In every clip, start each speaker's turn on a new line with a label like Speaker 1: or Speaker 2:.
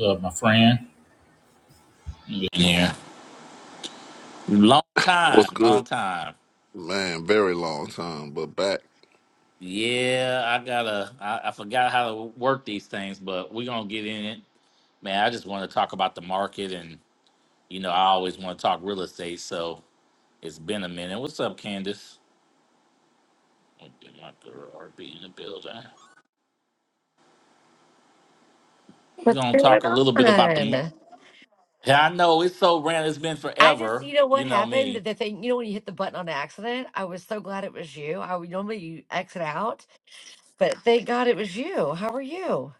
Speaker 1: uh, my friend. Yeah, long time,
Speaker 2: What's good?
Speaker 1: long time.
Speaker 2: Man, very long time, but back.
Speaker 1: Yeah, I gotta. I, I forgot how to work these things, but we're gonna get in it, man. I just want to talk about the market, and you know, I always want to talk real estate, so it's been a minute. What's up, Candace? My girl RB in the building.
Speaker 3: What's
Speaker 1: Gonna
Speaker 3: going
Speaker 1: talk a little bit about the. mar-
Speaker 3: on?
Speaker 1: Yeah, I know it's so random. It's been
Speaker 3: I just,
Speaker 1: forever.
Speaker 3: you know what
Speaker 1: You know
Speaker 3: happened?
Speaker 1: me.
Speaker 3: The thing, you know, when you hit the button on accident, I was so glad it was you. I would normally you exit out, but thank God it was you. How are you?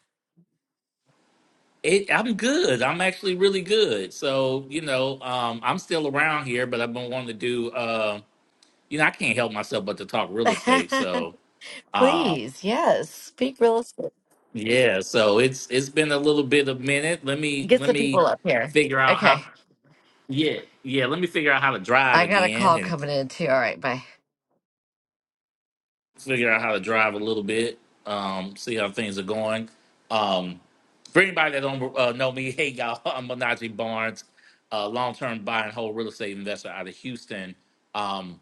Speaker 1: It, I'm good. I'm actually really good. So, you know, um, I'm still around here, but I've been wanting to do, uh, you know, I can't help myself but to talk real estate. So, uh,
Speaker 3: Please, yes, speak real estate.
Speaker 1: yeah. So it's it's been a little bit of minute. Let me
Speaker 3: Get
Speaker 1: let
Speaker 3: some people
Speaker 1: me
Speaker 3: up here.
Speaker 1: figure out how.
Speaker 3: Okay,
Speaker 1: Yeah, yeah. Let me figure out how to drive
Speaker 3: I got a
Speaker 1: again,
Speaker 3: call
Speaker 1: and.
Speaker 3: coming in too. All right, bye.
Speaker 1: figure out how to drive a little bit, um, see how things are going. Um, for anybody that don't uh, know me, hey y'all, I'm Manaji Barnes, uh, long-term buy and hold real estate investor out of Houston. Um,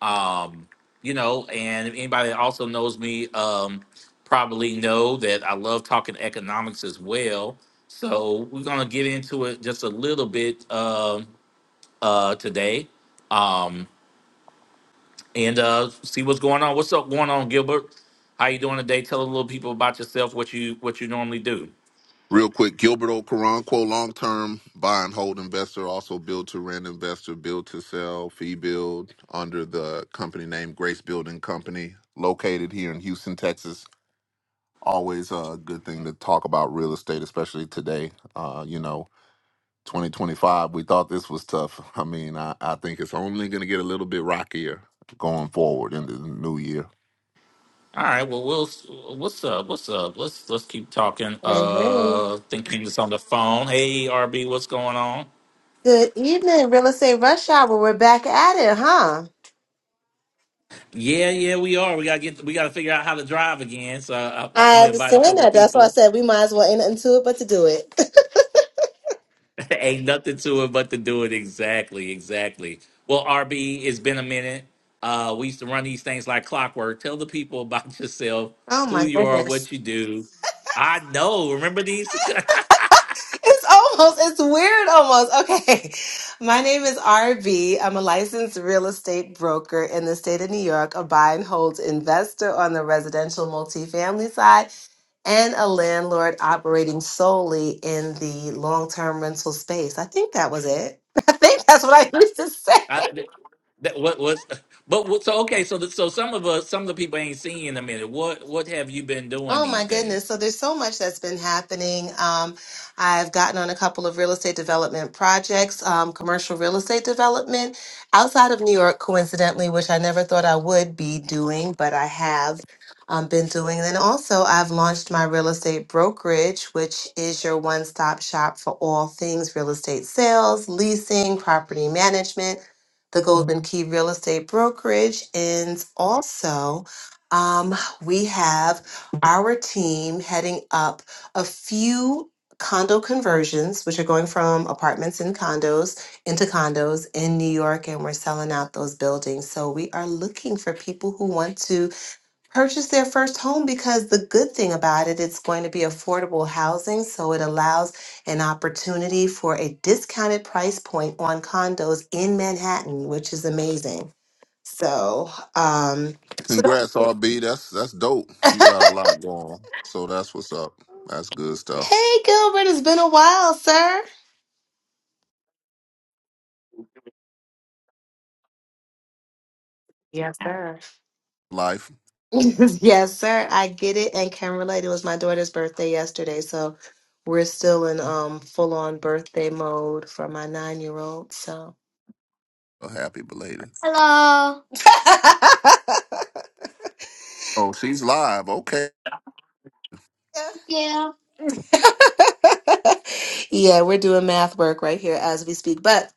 Speaker 1: um, you know, and if anybody that also knows me um, probably know that I love talking economics as well. So we're gonna get into it just a little bit um uh, today. Um, and uh, see what's going on. What's up going on, Gilbert? How you doing today? Tell a little people about yourself, what you what you normally do.
Speaker 2: Real quick, Gilberto Caronquo, long term buy and hold investor, also build to rent investor, build to sell, fee build under the company name Grace Building Company, located here in Houston, Texas. Always a good thing to talk about real estate, especially today. Uh, you know, 2025, we thought this was tough. I mean, I, I think it's only going to get a little bit rockier going forward in the new year.
Speaker 1: All right, well, we'll what's up? What's up? Let's let's keep talking.
Speaker 4: Hey, hey.
Speaker 1: Uh, thinking this on the phone. Hey, RB, what's going on?
Speaker 4: Good evening, Real Estate Rush Hour. We're back at it, huh?
Speaker 1: Yeah, yeah, we are. We gotta get we gotta figure out how to drive again. So I, I'm
Speaker 4: I
Speaker 1: gonna invite a
Speaker 4: understand
Speaker 1: couple of
Speaker 4: that. That's why
Speaker 1: people.
Speaker 4: I said we might as well ain't nothing to it but to do it.
Speaker 1: Ain't nothing to it but to do it exactly, exactly. Well, RB, it's been a minute. Uh, we used to run these things like clockwork. Tell the people about yourself,
Speaker 4: Oh
Speaker 1: who
Speaker 4: my
Speaker 1: you are,
Speaker 4: goodness.
Speaker 1: what you do. I know. Remember these?
Speaker 4: It's almost, it's weird almost. Okay. My name is RB. I'm a licensed real estate broker in the state of New York, a buy and hold investor on the residential multifamily side, and a landlord operating solely in the long term rental space. I think that was it. I think that's what I used to say.
Speaker 1: I, that what was, but what, so okay. So the, so some of us, some of the people ain't seen you in a minute. What what have you been doing
Speaker 4: Oh my
Speaker 1: these
Speaker 4: goodness.
Speaker 1: days?
Speaker 4: So there's so much that's been happening. Um, I've gotten on a couple of real estate development projects, um, commercial real estate development outside of New York, coincidentally, which I never thought I would be doing, but I have um, been doing. And then also, I've launched my real estate brokerage, which is your one stop shop for all things real estate sales, leasing, property management, the Golden Key Real Estate Brokerage. And also, um, we have our team heading up a few condo conversions, which are going from apartments and condos into condos in New York, and we're selling out those buildings. So we are looking for people who want to purchase their first home because the good thing about it, it's going to be affordable housing. So it allows an opportunity for a discounted price point on condos in Manhattan, which is amazing. So, um, so don't-
Speaker 2: Congrats, RB. That's that's dope. You got a lot going. on. So that's what's up. That's good stuff.
Speaker 4: hey Gilbert, it's been a while, sir. Yes, sir.
Speaker 2: Life.
Speaker 4: yes, sir. I get it and can relate. It was my daughter's birthday yesterday, so we're still in um full on birthday mode for my nine year old. So
Speaker 2: A happy belated.
Speaker 4: hello.
Speaker 2: Oh, she's live. Okay.
Speaker 4: yeah. yeah, we're doing math work right here as we speak. But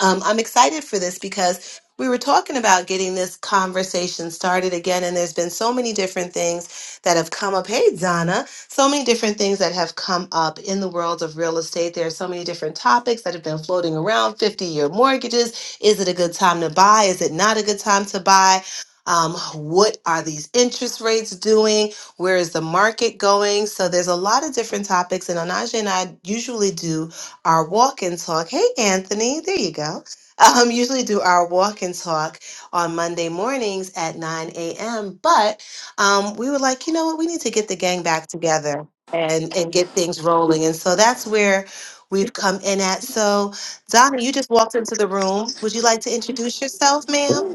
Speaker 4: um, I'm excited for this because we were talking about getting this conversation started again, and there's been so many different things that have come up. Hey, Donna, so many different things that have come up in the world of real estate. There are so many different topics that have been floating around 50 year mortgages. Is it a good time to buy? Is it not a good time to buy? Um, what are these interest rates doing? Where is the market going? So, there's a lot of different topics, and Anaja and I usually do our walk and talk. Hey, Anthony, there you go. Um, usually do our walk and talk on Monday mornings at 9 a.m. But um, we were like, you know what? We need to get the gang back together and and get things rolling. And so that's where we've come in at. So Donna, you just walked into the room. Would you like to introduce yourself, ma'am?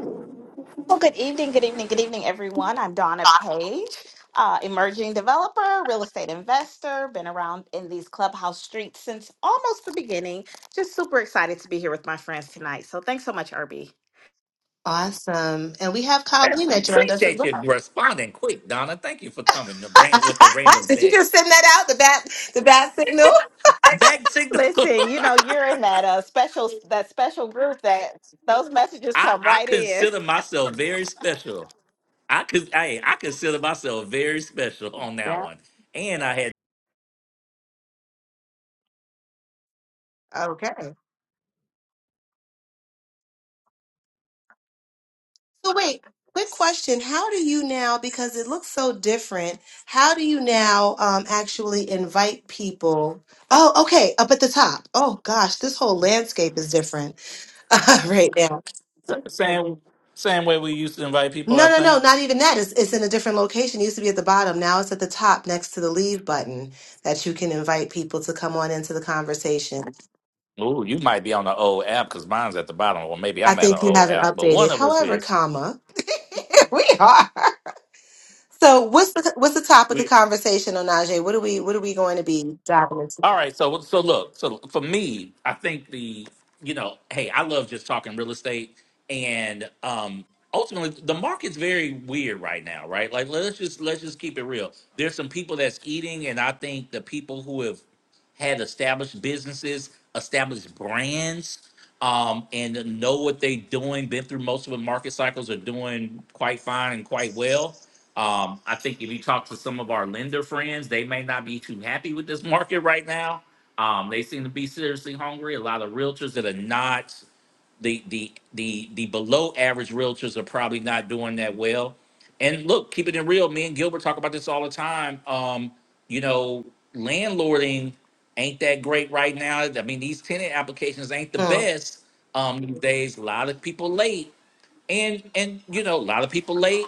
Speaker 5: Well, good evening, good evening, good evening, everyone. I'm Donna Page, uh, emerging developer, real estate investor, been around in these clubhouse streets since almost the beginning. Just super excited to be here with my friends tonight. So thanks so much, Irby.
Speaker 4: Awesome. And we have
Speaker 1: I
Speaker 4: Colleen that joined us as
Speaker 1: appreciate
Speaker 4: well.
Speaker 1: you responding quick, Donna. Thank you for coming to bring with the random
Speaker 4: Did you just
Speaker 1: text.
Speaker 4: send that out, the bat the bat signal?
Speaker 1: Back signal.
Speaker 5: Listen, you know you're in that uh, special that special group that those messages
Speaker 1: I
Speaker 5: come
Speaker 1: I
Speaker 5: right in.
Speaker 1: consider myself very special. I could I I consider myself very special on that
Speaker 4: Yeah.
Speaker 1: one. And I had
Speaker 4: Okay. So wait, quick question. How do you now, because it looks so different, how do you now um, actually invite people? Oh, okay, up at the top. Oh gosh, this whole landscape is different right now.
Speaker 1: same same way we used to invite people.
Speaker 4: No,
Speaker 1: I
Speaker 4: no, no,
Speaker 1: think.
Speaker 4: not even that. It's, it's in a different location. It used to be at the bottom. Now it's at the top next to the leave button that you can invite people to come on into the conversation.
Speaker 1: Oh, you might be on the old app because mine's at the bottom, or maybe
Speaker 4: I
Speaker 1: I'm at an
Speaker 4: think you
Speaker 1: old
Speaker 4: haven't
Speaker 1: app. But one
Speaker 4: updated.
Speaker 1: of us
Speaker 4: However,
Speaker 1: is.
Speaker 4: comma, here we are. So what's the what's the topic of
Speaker 1: we.
Speaker 4: conversation on Najee? What are we what are we going to be diving
Speaker 1: All
Speaker 4: into?
Speaker 1: right, so so look, so for me, I think the you know, hey, I love just talking real estate, and um, ultimately the market's very weird right now, right? Like let's just let's just keep it real. There's some people that's eating, and I think the people who have had established businesses, established brands, um, and know what they're doing, been through most of the market cycles, are doing quite fine and quite well. Um, I think if you talk to some of our lender friends, they may not be too happy with this market right now. Um, they seem to be seriously hungry. A lot of realtors that are not the the the the below average realtors are probably not doing that well. And look, keep it in real, me and Gilbert talk about this all the time. Um, you know, landlording ain't that great right now. I mean, these tenant applications ain't the
Speaker 4: Hmm.
Speaker 1: best um, these days. A lot of people late, and and you know, a lot of people late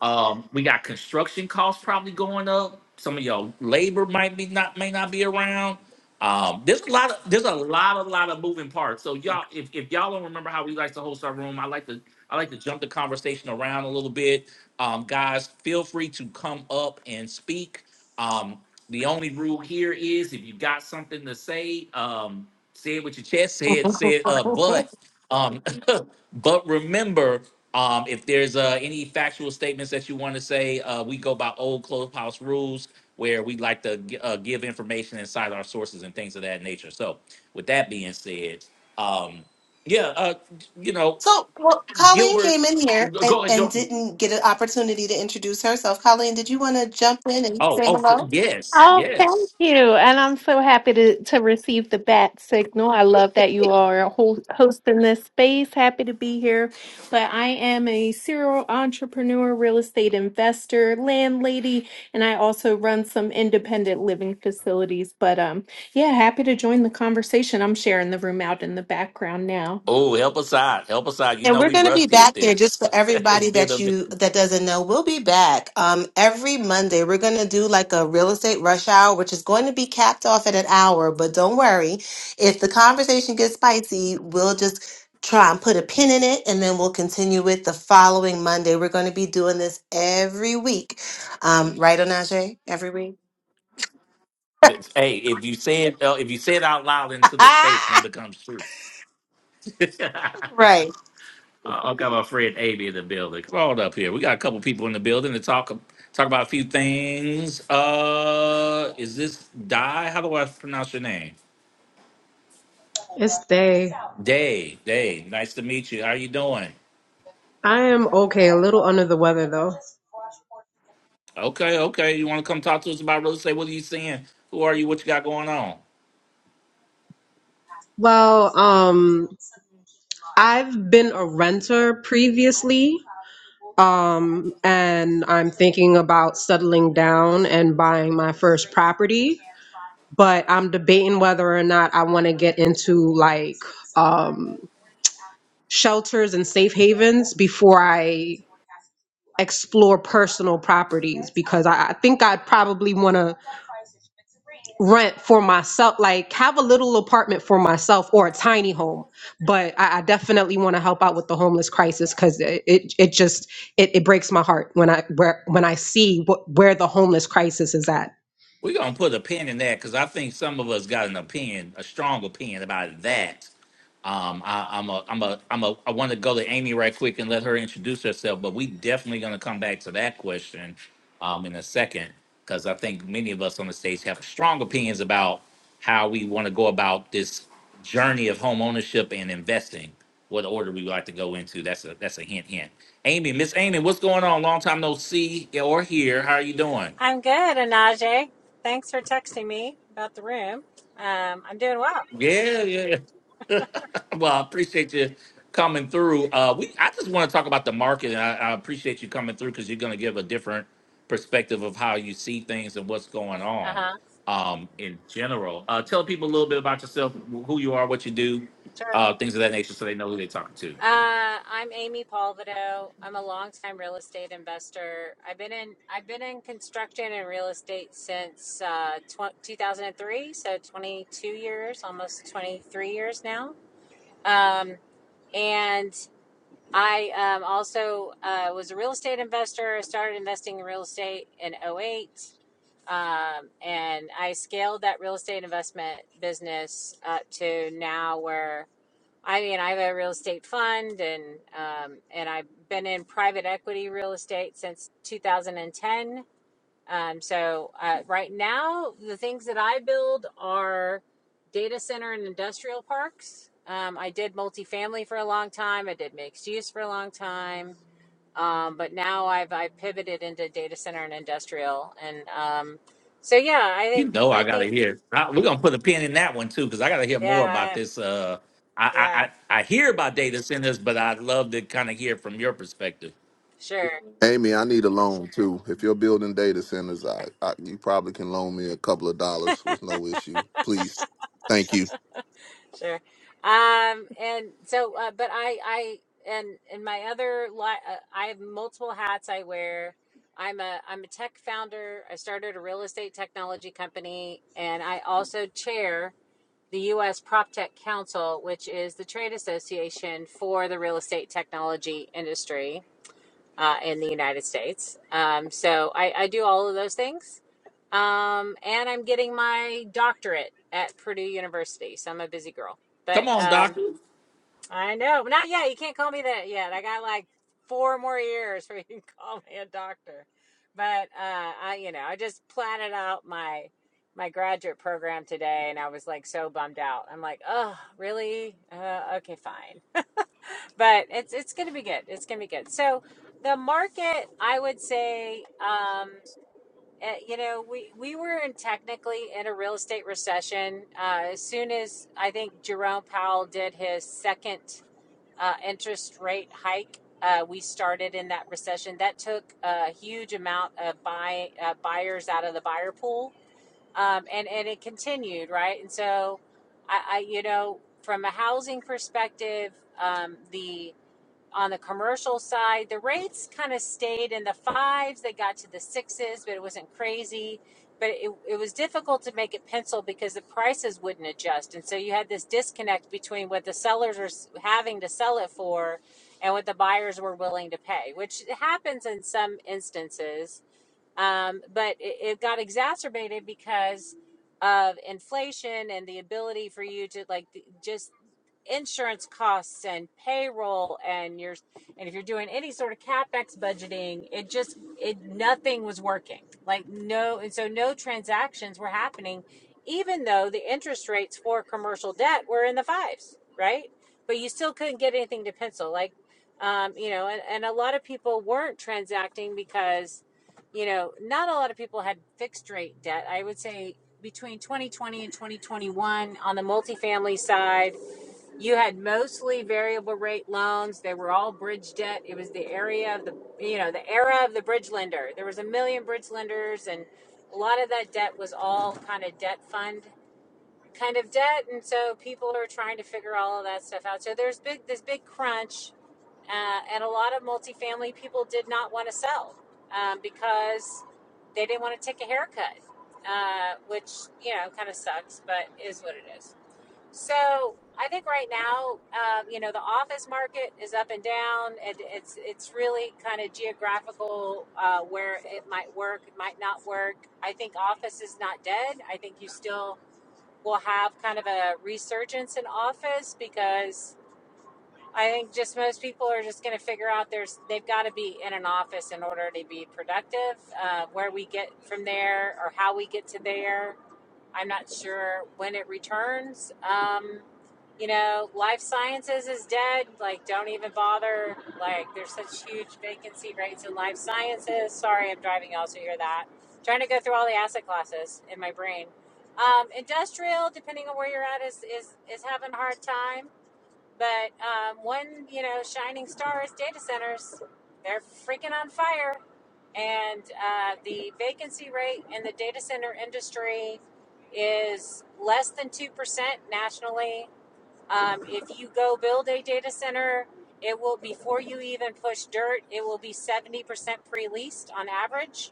Speaker 1: um, we got construction costs probably going up. Some of your labor might be not may not be around. Um, there's a lot of there's a lot of lot of moving parts. So y'all, if, if y'all don't remember how we like to host our room, I like to I like to jump the conversation around a little bit. Um, guys, feel free to come up and speak. Um, the only rule here is if you got something to say, um, say it with your chest, say it, say it, uh, but, um, but remember, um, if there's, uh, any factual statements that you want to say, uh, we go by old clubhouse rules where we like to, gi- uh, give information inside our sources and things of that nature. So with that being said, um, yeah, uh, you know,
Speaker 4: So, well, Colleen
Speaker 1: Gilbert,
Speaker 4: came in here and,
Speaker 1: go ahead.
Speaker 4: and
Speaker 1: Don't,
Speaker 4: didn't get an opportunity to introduce herself. Colleen, did you want to jump in and
Speaker 1: oh,
Speaker 4: say
Speaker 1: oh,
Speaker 4: hello?
Speaker 1: yes,
Speaker 6: Oh, thank
Speaker 1: yes.
Speaker 6: you. And I'm so happy to, to receive the bat signal. I love that you are ho- hosting this space. Happy to be here. But I am a serial entrepreneur, real estate investor, landlady, and I also run some independent living facilities. But um, yeah, happy to join the conversation. I'm sharing the room out in the background now.
Speaker 1: Oh, help us out. Help us out. You
Speaker 4: And
Speaker 1: know
Speaker 4: we're
Speaker 1: we
Speaker 4: going to be
Speaker 1: rusty at
Speaker 4: back there just
Speaker 1: this.
Speaker 4: for
Speaker 1: it's
Speaker 4: everybody
Speaker 1: been
Speaker 4: that
Speaker 1: a
Speaker 4: you that doesn't know. We'll be back um, every Monday. We're going to do like a real estate rush hour, which is going to be capped off at an hour. But don't worry, if the conversation gets spicy, we'll just try and put a pin in it, and then we'll continue it the following Monday. We're going to be doing this every week, um, right, Onaje? Every week,
Speaker 1: Hey, if you say it uh, if you say it out loud into the space, then it becomes true.
Speaker 4: right?
Speaker 1: I got my friend Amy in the building. Come on up here. We got a couple people in the building to talk talk about a few things. Uh is this Di? How do I pronounce your name?
Speaker 7: It's day.
Speaker 1: Day. Day. Nice to meet you. How you doing?
Speaker 7: I am okay, a little under the weather though.
Speaker 1: Okay, okay. You wanna come talk to us about real estate? What are you seeing? Who are you? What you got going on?
Speaker 7: Well, um, I've been a renter previously, um, and I'm thinking about settling down and buying my first property, but I'm debating whether or not I want to get into like um, shelters and safe havens before I explore personal properties because I, I think I'd probably want to rent for myself, like have a little apartment for myself or a tiny home. But I, I definitely want to help out with the homeless crisis because it, it it just it, it breaks my heart when I where when I see what, where the homeless crisis is at.
Speaker 1: We're gonna put a pin in that because I think some of us got an opinion, a strong opinion about that. Um, I, I'm a, I'm a, I'm a, I want to go to Amy right quick and let her introduce herself, but we definitely gonna come back to that question, um, in a second because I think many of us on the stage have strong opinions about how we want to go about this journey of home ownership and investing. What order we like to go into? That's a, that's a hint, hint. Amy, Miss Amy, what's going on? Long time no see or hear. How are you doing?
Speaker 8: I'm good, Anaje. Thanks for texting me about the room. Um, I'm doing well.
Speaker 1: Yeah, yeah. Well, I appreciate you coming through. Uh, we I just want to talk about the market, and I, I appreciate you coming through because you're going to give a different perspective of how you see things and what's going
Speaker 8: Uh
Speaker 1: on
Speaker 8: huh.
Speaker 1: um, in general. Uh, tell people a little bit about yourself, wh- who you are, what you do,
Speaker 8: Sure.
Speaker 1: uh, things of that nature, so they know who they're talking to.
Speaker 8: Uh, I'm Amy Palvido. I'm a longtime real estate investor. I've been in I've been in construction and real estate since uh, tw- 2003, so 22 years, almost 23 years now. Um, and I um, also uh, was a real estate investor. I started investing in real estate in '08, Um, and I scaled that real estate investment business up to now where I mean, I have a real estate fund and, um, and I've been in private equity real estate since 2010 um, so uh, right now, the things that I build are data center and industrial parks. Um, I did multifamily for a long time. I did mixed use for a long time, um, but now I've I pivoted into data center and industrial. And um, so yeah, I
Speaker 1: You
Speaker 8: think
Speaker 1: know, I
Speaker 8: I
Speaker 1: got to
Speaker 8: think
Speaker 1: hear. I, we're going to put a pin in that one too because I got to hear more
Speaker 8: yeah
Speaker 1: about this. Uh, I, I
Speaker 8: yeah
Speaker 1: I I hear about data centers, but I'd love to kind of hear from your perspective.
Speaker 8: sure
Speaker 2: Amy, I need a loan too. If you're building data centers, I, I you probably can loan me a couple of dollars with no issue. Please. Thank you.
Speaker 8: Sure. Um, and so, uh, but I, I, and and my other, li- uh, I have multiple hats I wear. I'm a, I'm a tech founder. I started a real estate technology company, and I also chair the U.S. PropTech Council, which is the trade association for the real estate technology industry uh, in the United States. Um, so I, I do all of those things. Um, and I'm getting my doctorate at Purdue University. So I'm a busy girl.
Speaker 1: Come
Speaker 8: But
Speaker 1: on,
Speaker 8: um,
Speaker 1: doctor.
Speaker 8: I know, not yet. You can't call me that yet. I got like four more years where you can call me a doctor. But uh, I, you know, I just platted out my my graduate program today, and I was like so bummed out. I'm like, oh, really? Uh, okay, fine but it's it's going to be good. It's going to be good. So the market, I would say, um, eh, you know, we we were in technically in a real estate recession. Uh, as soon as I think Jerome Powell did his second uh, interest rate hike. Uh, we started in that recession. That took a huge amount of buy uh, buyers out of the buyer pool, um, and and it continued right. And so, I, I you know, from a housing perspective, um, the on the commercial side, the rates kind of stayed in the fives. They got to the sixes, but it wasn't crazy. But it, it was difficult to make it pencil because the prices wouldn't adjust. And so you had this disconnect between what the sellers are having to sell it for and what the buyers were willing to pay, which happens in some instances. Um, but it, it got exacerbated because of inflation and the ability for you to like just insurance costs and payroll and your and if you're doing any sort of capex budgeting it just it nothing was working like no and so no transactions were happening even though the interest rates for commercial debt were in the fives right but you still couldn't get anything to pencil like um, you know and, and a lot of people weren't transacting because you know not a lot of people had fixed rate debt i would say between 2020 and 2021 on the multifamily side you had mostly variable rate loans. They were all bridge debt. It was the area of the, you know, the era of the bridge lender. There was a million bridge lenders, and a lot of that debt was all kind of debt fund kind of debt. And so people are trying to figure all of that stuff out. So there's big this big crunch, uh, and a lot of multifamily people did not want to sell um, because they didn't want to take a haircut, uh, which you know kind of sucks, but is what it is. So I think right now, um, you know, the office market is up and down. It, it's it's really kind of geographical uh, where it might work, it might not work. I think office is not dead. I think you still will have kind of a resurgence in office because I think just most people are just going to figure out there's they've got to be in an office in order to be productive. Uh, where we get from there or how we get to there I'm not sure when it returns. Um, you know, life sciences is dead. Like, don't even bother. Like, there's such huge vacancy rates in life sciences. Sorry, I'm driving. y'all, so You also hear that. Trying to go through all the asset classes in my brain. Um, industrial, depending on where you're at, is is is having a hard time. But um, one, you know, shining star is data centers. They're freaking on fire. And uh, the vacancy rate in the data center industry is less than 2% nationally. Um, if you go build a data center, it will, before you even push dirt, it will be 70% pre leased on average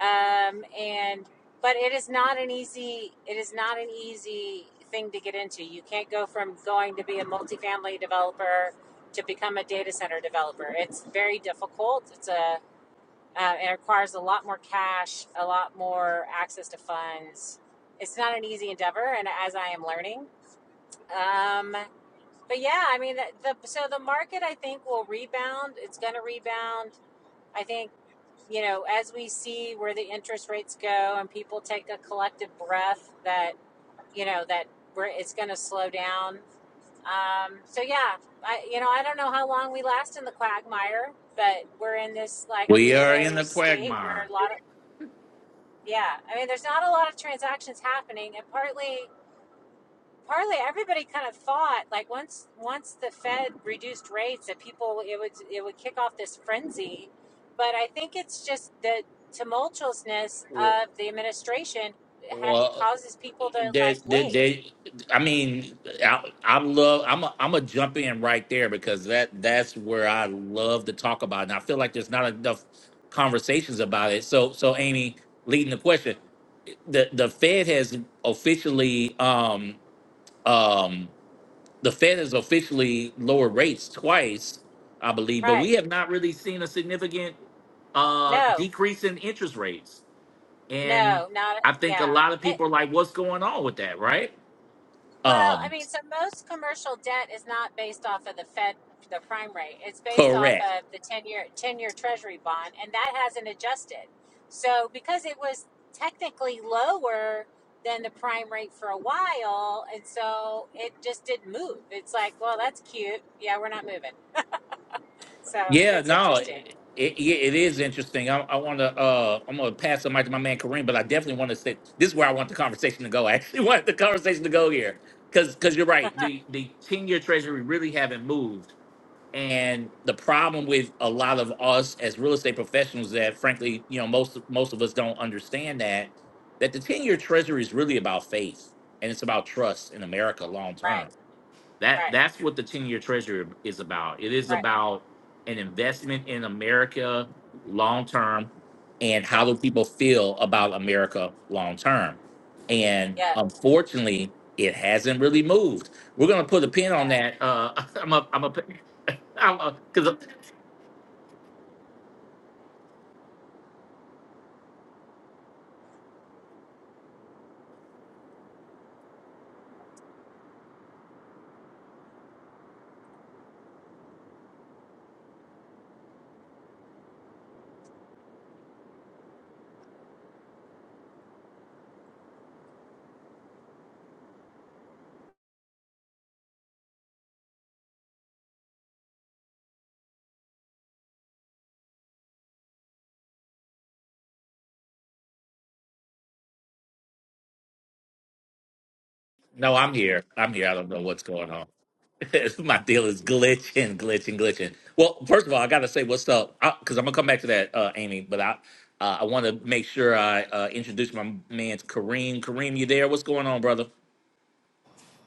Speaker 8: um, and but it is not an easy it is not an easy thing to get into. You can't go from going to be a multifamily developer to become a data center developer. It's very difficult. It's a uh, it requires a lot more cash, a lot more access to funds. It's not an easy endeavor, and as I am learning, um, but yeah, I mean, the, the so the market I think will rebound. It's going to rebound. I think you know, as we see where the interest rates go and people take a collective breath that, you know, that we're, it's going to slow down. Um, so yeah, I, you know, I don't know how long we last in the quagmire, but we're in this like
Speaker 1: We are in
Speaker 8: weirdo
Speaker 1: the
Speaker 8: state where
Speaker 1: quagmire.
Speaker 8: a lot of, yeah, I mean, there's not a lot of transactions happening and partly partly everybody kind of thought like once once the Fed reduced rates that people it would it would kick off this frenzy, but I think it's just the tumultuousness of the administration ha-
Speaker 1: Well,
Speaker 8: causes people to like
Speaker 1: there's there,
Speaker 8: wait
Speaker 1: there, I mean, I, I love. I'm a, I'm a jump in right there because that that's where I love to talk about, it. and I feel like there's not enough conversations about it. So so Amy, leading the question, the the Fed has officially um um the Fed has officially lowered rates twice, I believe, but
Speaker 8: right
Speaker 1: we have not really seen a significant uh
Speaker 8: no
Speaker 1: decrease in interest rates. And
Speaker 8: no not
Speaker 1: I think a
Speaker 8: yeah
Speaker 1: lot of people are like, what's going on with that, right?
Speaker 8: Well, I
Speaker 1: Um,
Speaker 8: mean, so most commercial debt is not based off of the Fed, the prime rate. It's based off
Speaker 1: correct.
Speaker 8: of the 10 year, 10 year treasury bond, and that hasn't adjusted. So because it was technically lower than the prime rate for a while, and so it just didn't move. It's like, well, that's cute. Yeah, we're not moving. So
Speaker 1: Yeah,
Speaker 8: it's
Speaker 1: no,
Speaker 8: interesting.
Speaker 1: it, it, yeah, it is interesting. I, I want to, uh, I'm going to pass the mic to my man Kareem, but I definitely want to say this is where I want the conversation to go. I actually want the conversation to go here because because you're right. The the ten year treasury really haven't moved. And the problem with a lot of us as real estate professionals that frankly, you know, most most of us don't understand that that the 10-year treasury is really about faith and it's about trust in America long term.
Speaker 8: Right,
Speaker 1: That
Speaker 8: right,
Speaker 1: that's what the 10-year treasury is about. It is
Speaker 8: right.
Speaker 1: about an investment in America long term and how
Speaker 8: Yep,
Speaker 1: do people feel about America long term. And
Speaker 8: yep.
Speaker 1: unfortunately, it hasn't really moved. We're gonna put a pin
Speaker 8: No.
Speaker 1: on that. Uh I'm a I'm a I'm because No, I'm here. I'm here. I don't know what's going on. My deal is glitching, glitching, glitching. Well, first of all, I gotta say what's up because I'm gonna come back to that, uh, Amy. But I, uh, I want to make sure I uh, introduce my man Kareem. Kareem, you there? What's going on, brother?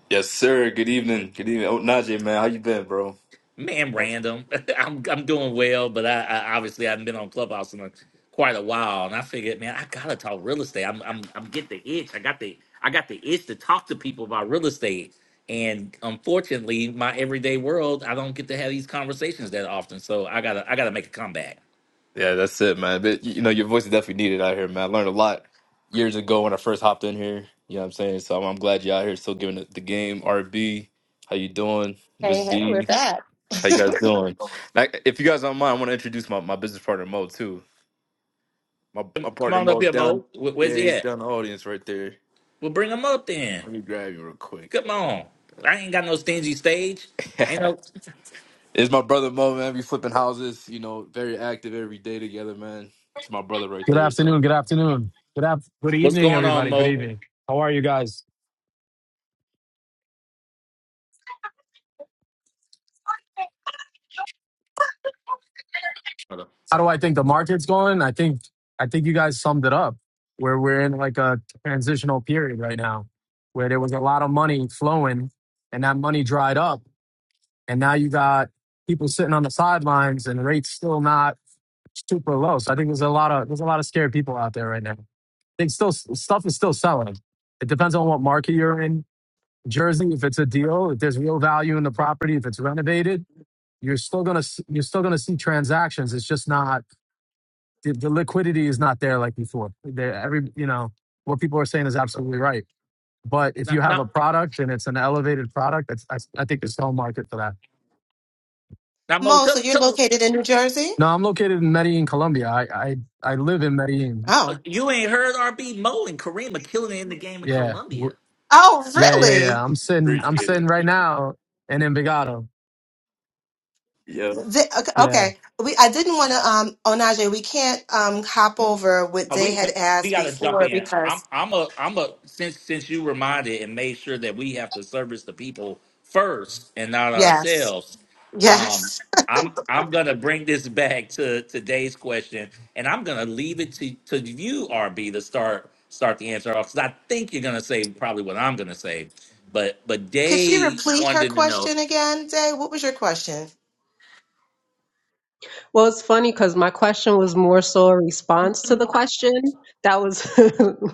Speaker 9: Yes, sir. Good evening. Good evening. Oh, Najee, man, how you been, bro?
Speaker 1: Man,
Speaker 9: That's-
Speaker 1: random. I'm I'm doing well, but I, I obviously I haven't been on Clubhouse in a, quite a while, and I figured, man, I gotta talk real estate. I'm I'm I'm getting the itch. I got the I got the itch to talk to people about real estate, and unfortunately, my everyday world, I don't get to have these conversations that often. So I gotta I gotta make a comeback.
Speaker 9: Yeah, that's it, man. But you know, your voice is definitely needed out here, man. I learned a lot years ago when I first hopped in here. You know what I'm saying? So I'm, I'm glad you're out here still giving it the game. RB, how you doing? Miss
Speaker 4: Hey, hey, we're
Speaker 9: D,
Speaker 4: back.
Speaker 9: how you guys doing? Now, if you guys don't mind, I want to introduce my, my business partner Mo too. My my
Speaker 1: Come
Speaker 9: partner
Speaker 1: on up
Speaker 9: Mo's
Speaker 1: here,
Speaker 9: down.
Speaker 1: Mo. Wh- Where's
Speaker 9: Yeah,
Speaker 1: he
Speaker 9: he's
Speaker 1: at?
Speaker 9: down in the audience right there.
Speaker 1: Well, bring him up then.
Speaker 9: Let me grab you real quick.
Speaker 1: Come on. I ain't got no stingy stage. Ain't no.
Speaker 9: It's my brother Mo, man. We flipping houses, you know, very active every day together, man. It's my brother right
Speaker 10: Good
Speaker 9: there, so
Speaker 10: afternoon. Good afternoon. Good af- Good
Speaker 1: What's
Speaker 10: evening,
Speaker 1: going on,
Speaker 10: everybody. Good
Speaker 1: Mo?
Speaker 10: evening. How are you guys? How do I think the market's going? I think I think you guys summed it up. Where we're in like a transitional period right now, where there was a lot of money flowing, and that money dried up, and now you got people sitting on the sidelines, and rates still not super low. So I think there's a lot of there's a lot of scared people out there right now. I think still stuff is still selling. It depends on what market you're in Jersey, if it's a deal, if there's real value in the property, if it's renovated, you're still gonna s- you're still gonna see transactions. It's just not the, the liquidity is not there like before. There, every you know what people are saying is absolutely right. But if
Speaker 1: Now,
Speaker 10: you have
Speaker 1: now,
Speaker 10: a product and it's an elevated product, that's, I, I think there's no market for that.
Speaker 1: now Mo,
Speaker 4: Mo,
Speaker 1: tell,
Speaker 4: so you're
Speaker 1: tell
Speaker 4: located in New Jersey?
Speaker 10: No, I'm located in Medellin, Colombia. I I, I live in Medellin.
Speaker 1: Uh,
Speaker 4: Oh,
Speaker 1: You ain't heard RB Mo and Kareem are killing it in the game in
Speaker 10: Yeah,
Speaker 1: Colombia.
Speaker 10: W-
Speaker 4: oh,
Speaker 10: yeah, yeah,
Speaker 4: really?
Speaker 10: yeah. I'm sitting I'm
Speaker 9: appreciate
Speaker 10: sitting right
Speaker 9: it.
Speaker 10: now in Envigado.
Speaker 9: Yeah.
Speaker 4: Th- Okay,
Speaker 10: Yeah.
Speaker 4: okay. we I didn't want to um Onaje, we can't um hop over what
Speaker 1: Uh,
Speaker 4: they
Speaker 1: We,
Speaker 4: had
Speaker 1: we we
Speaker 4: asked
Speaker 1: gotta jump
Speaker 4: before
Speaker 1: in. I'm
Speaker 4: because
Speaker 1: I'm a I'm a since since you reminded and made sure that we have to service the people first and not
Speaker 4: yes,
Speaker 1: ourselves. Um,
Speaker 4: yes.
Speaker 1: I'm I'm gonna bring this back to today's question, and I'm gonna leave it to to you, RB, to start start the answer off because I think you're gonna say probably what I'm gonna say, but but
Speaker 4: Could she
Speaker 1: Dave
Speaker 4: repeat her
Speaker 1: wanted to know.
Speaker 4: question again, Day? What was your question?
Speaker 7: Well, it's funny because my question was more so a response to the question that was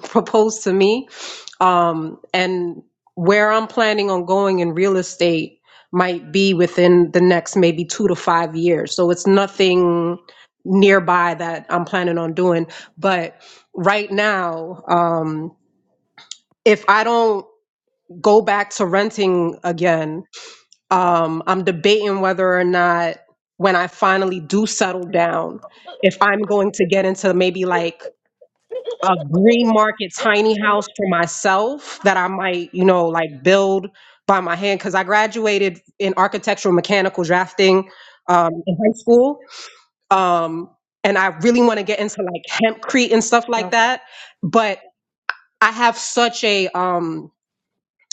Speaker 7: proposed to me. Um, and where I'm planning on going in real estate might be within the next maybe two to five years. So it's nothing nearby that I'm planning on doing. But right now, um, if I don't go back to renting again, um, I'm debating whether or not when I finally do settle down, if I'm going to get into maybe like a green market tiny house for myself that I might, you know, like build by my hand. Cause I graduated in architectural mechanical drafting um, in high school. Um, and I really want to get into like hempcrete and stuff like
Speaker 4: Okay.
Speaker 7: that. But I have such a, um,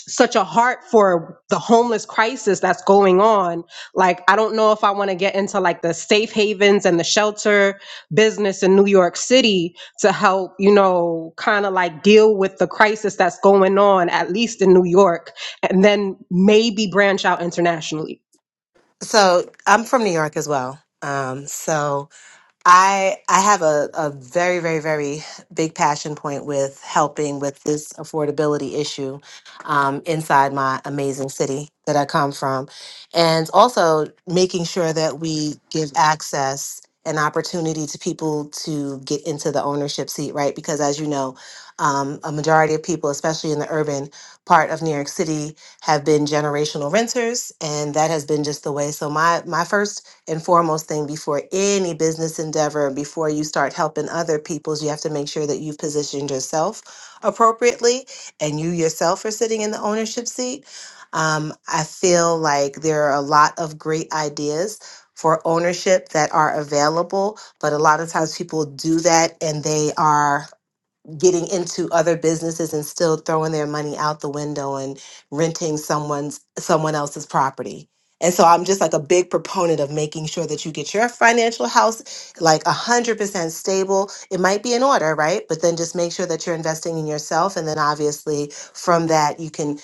Speaker 7: such a heart for the homeless crisis that's going on. Like, I don't know if I want to get into like the safe havens and the shelter business in New York City to help, you know, kind of like deal with the crisis that's going on, at least in New York, and then maybe branch out internationally.
Speaker 4: So I'm from New York as well. Um, so I I have a, a very, very, very big passion point with helping with this affordability issue um, inside my amazing city that I come from. And also making sure that we give access and opportunity to people to get into the ownership seat, right? Because as you know, um, a majority of people, especially in the urban part of New York City, have been generational renters, and that has been just the way. So my my first and foremost thing before any business endeavor, before you start helping other people's, you have to make sure that you've positioned yourself appropriately and you yourself are sitting in the ownership seat. Um, I feel like there are a lot of great ideas for ownership that are available, but a lot of times people do that and they are getting into other businesses and still throwing their money out the window and renting someone's someone else's property. And so I'm just like a big proponent of making sure that you get your financial house like 100% stable. It might be in order, right? But then just make sure that you're investing in yourself and then obviously from that you can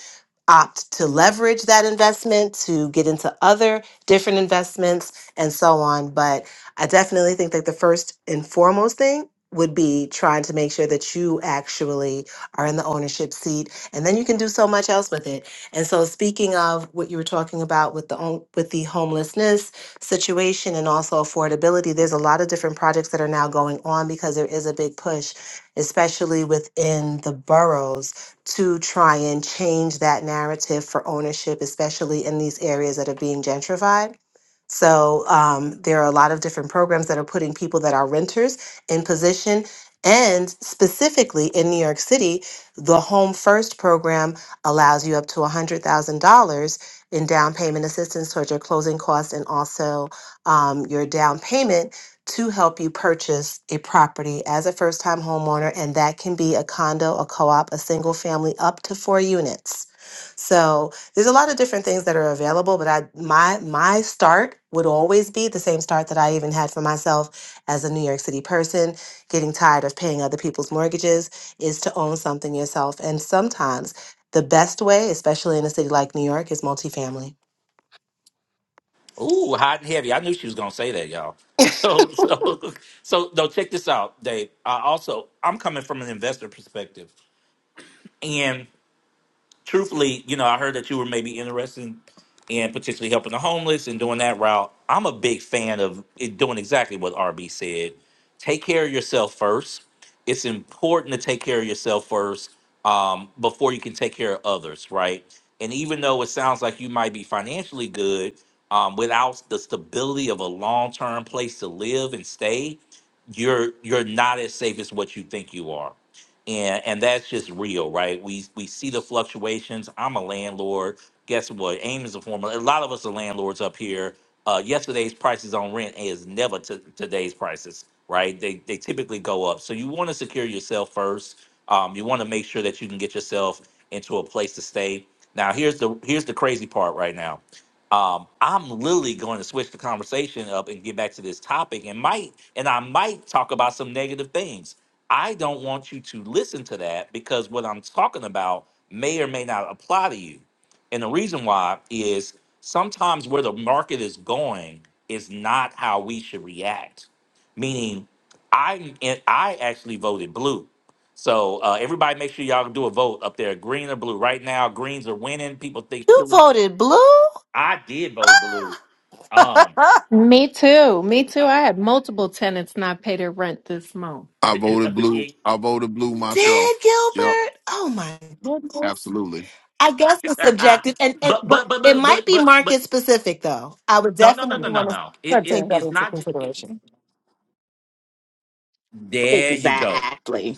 Speaker 4: opt to leverage that investment to get into other different investments and so on, but I definitely think that the first and foremost thing would be trying to make sure that you actually are in the ownership seat and then you can do so much else with it and so speaking of what you were talking about with the own- with the homelessness situation and also affordability there's a lot of different projects that are now going on because there is a big push especially within the boroughs to try and change that narrative for ownership especially in these areas that are being gentrified so um, there are a lot of different programs that are putting people that are renters in position. And specifically in New York City, the Home First program allows you up to $100,000 in down payment assistance towards your closing costs and also um, your down payment to help you purchase a property as a first time homeowner. And that can be a condo, a co op, a single family, up to four units. So there's a lot of different things that are available, but I my my start would always be the same start that I even had for myself as a New York City person, getting tired of paying other people's mortgages is to own something yourself. And sometimes the best way, especially in a city like New York, is multifamily.
Speaker 1: Ooh, hot and heavy. I knew she was gonna say that, y'all. So, so, so, no. Check this out, Dave. I also, I'm coming from an investor perspective, truthfully, you know, I heard that you were maybe interested in, in potentially helping the homeless and doing that route. I'm a big fan of it doing exactly what RB said. Take care of yourself first. It's important to take care of yourself first um, before you can take care of others, right? And even though it sounds like you might be financially good, um, without the stability of a long-term place to live and stay, you're you're not as safe as what you think you are and and that's just real, right? We we see the fluctuations. I'm a landlord. Guess what? AIM is a form. of- A lot of us are landlords up here. Uh, yesterday's prices on rent is never to today's prices, right? They they typically go up. So you want to secure yourself first. Um, you want to make sure that you can get yourself into a place to stay. Now here's the here's the crazy part right now um, I'm literally going to switch the conversation up and get back to this topic and might and I might talk about some negative things. I don't want you to listen to that because what I'm talking about may or may not apply to you. And the reason why is sometimes where the market is going is not how we should react. Meaning, I and I actually voted blue. So uh, everybody, make sure y'all do a vote up there, green or blue. Right now, greens are winning. People think
Speaker 4: You
Speaker 1: feeling
Speaker 4: voted blue?
Speaker 1: I did vote blue.
Speaker 4: Dad
Speaker 1: Um,
Speaker 6: Me too. Me too.
Speaker 1: I,
Speaker 6: I had multiple tenants not pay their rent this month.
Speaker 2: I voted blue.
Speaker 1: it-
Speaker 2: I voted blue myself. Yep.
Speaker 4: Gilbert! Oh my goodness.
Speaker 2: Absolutely.
Speaker 4: I guess it's
Speaker 1: but,
Speaker 4: subjective, and, and
Speaker 1: but
Speaker 4: but
Speaker 1: but
Speaker 4: it
Speaker 1: but
Speaker 4: might
Speaker 1: but
Speaker 4: be
Speaker 1: but but
Speaker 4: market specific though. I would
Speaker 1: no no no
Speaker 4: definitely
Speaker 1: no no
Speaker 4: want to
Speaker 1: no. It, it
Speaker 4: take that
Speaker 1: it's
Speaker 4: into
Speaker 1: not. ju- It,
Speaker 4: consideration.
Speaker 1: there you go.
Speaker 5: Exactly.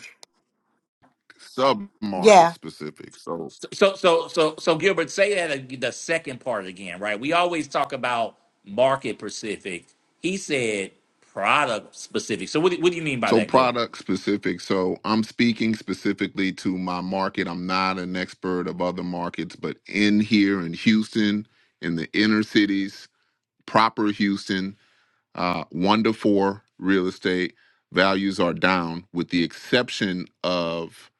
Speaker 2: Sub market
Speaker 4: Yeah.
Speaker 2: specific. So.
Speaker 1: So so so so Gilbert, say that ag- the second part again, right? We always talk about market specific. He said product specific. So what do- what do you mean by
Speaker 2: So
Speaker 1: that, Gilbert?
Speaker 2: product specific. So I'm speaking specifically to my market. I'm not an expert of other markets, but in here in Houston, in the inner cities, proper Houston, uh, one to four real estate values are down, with the exception of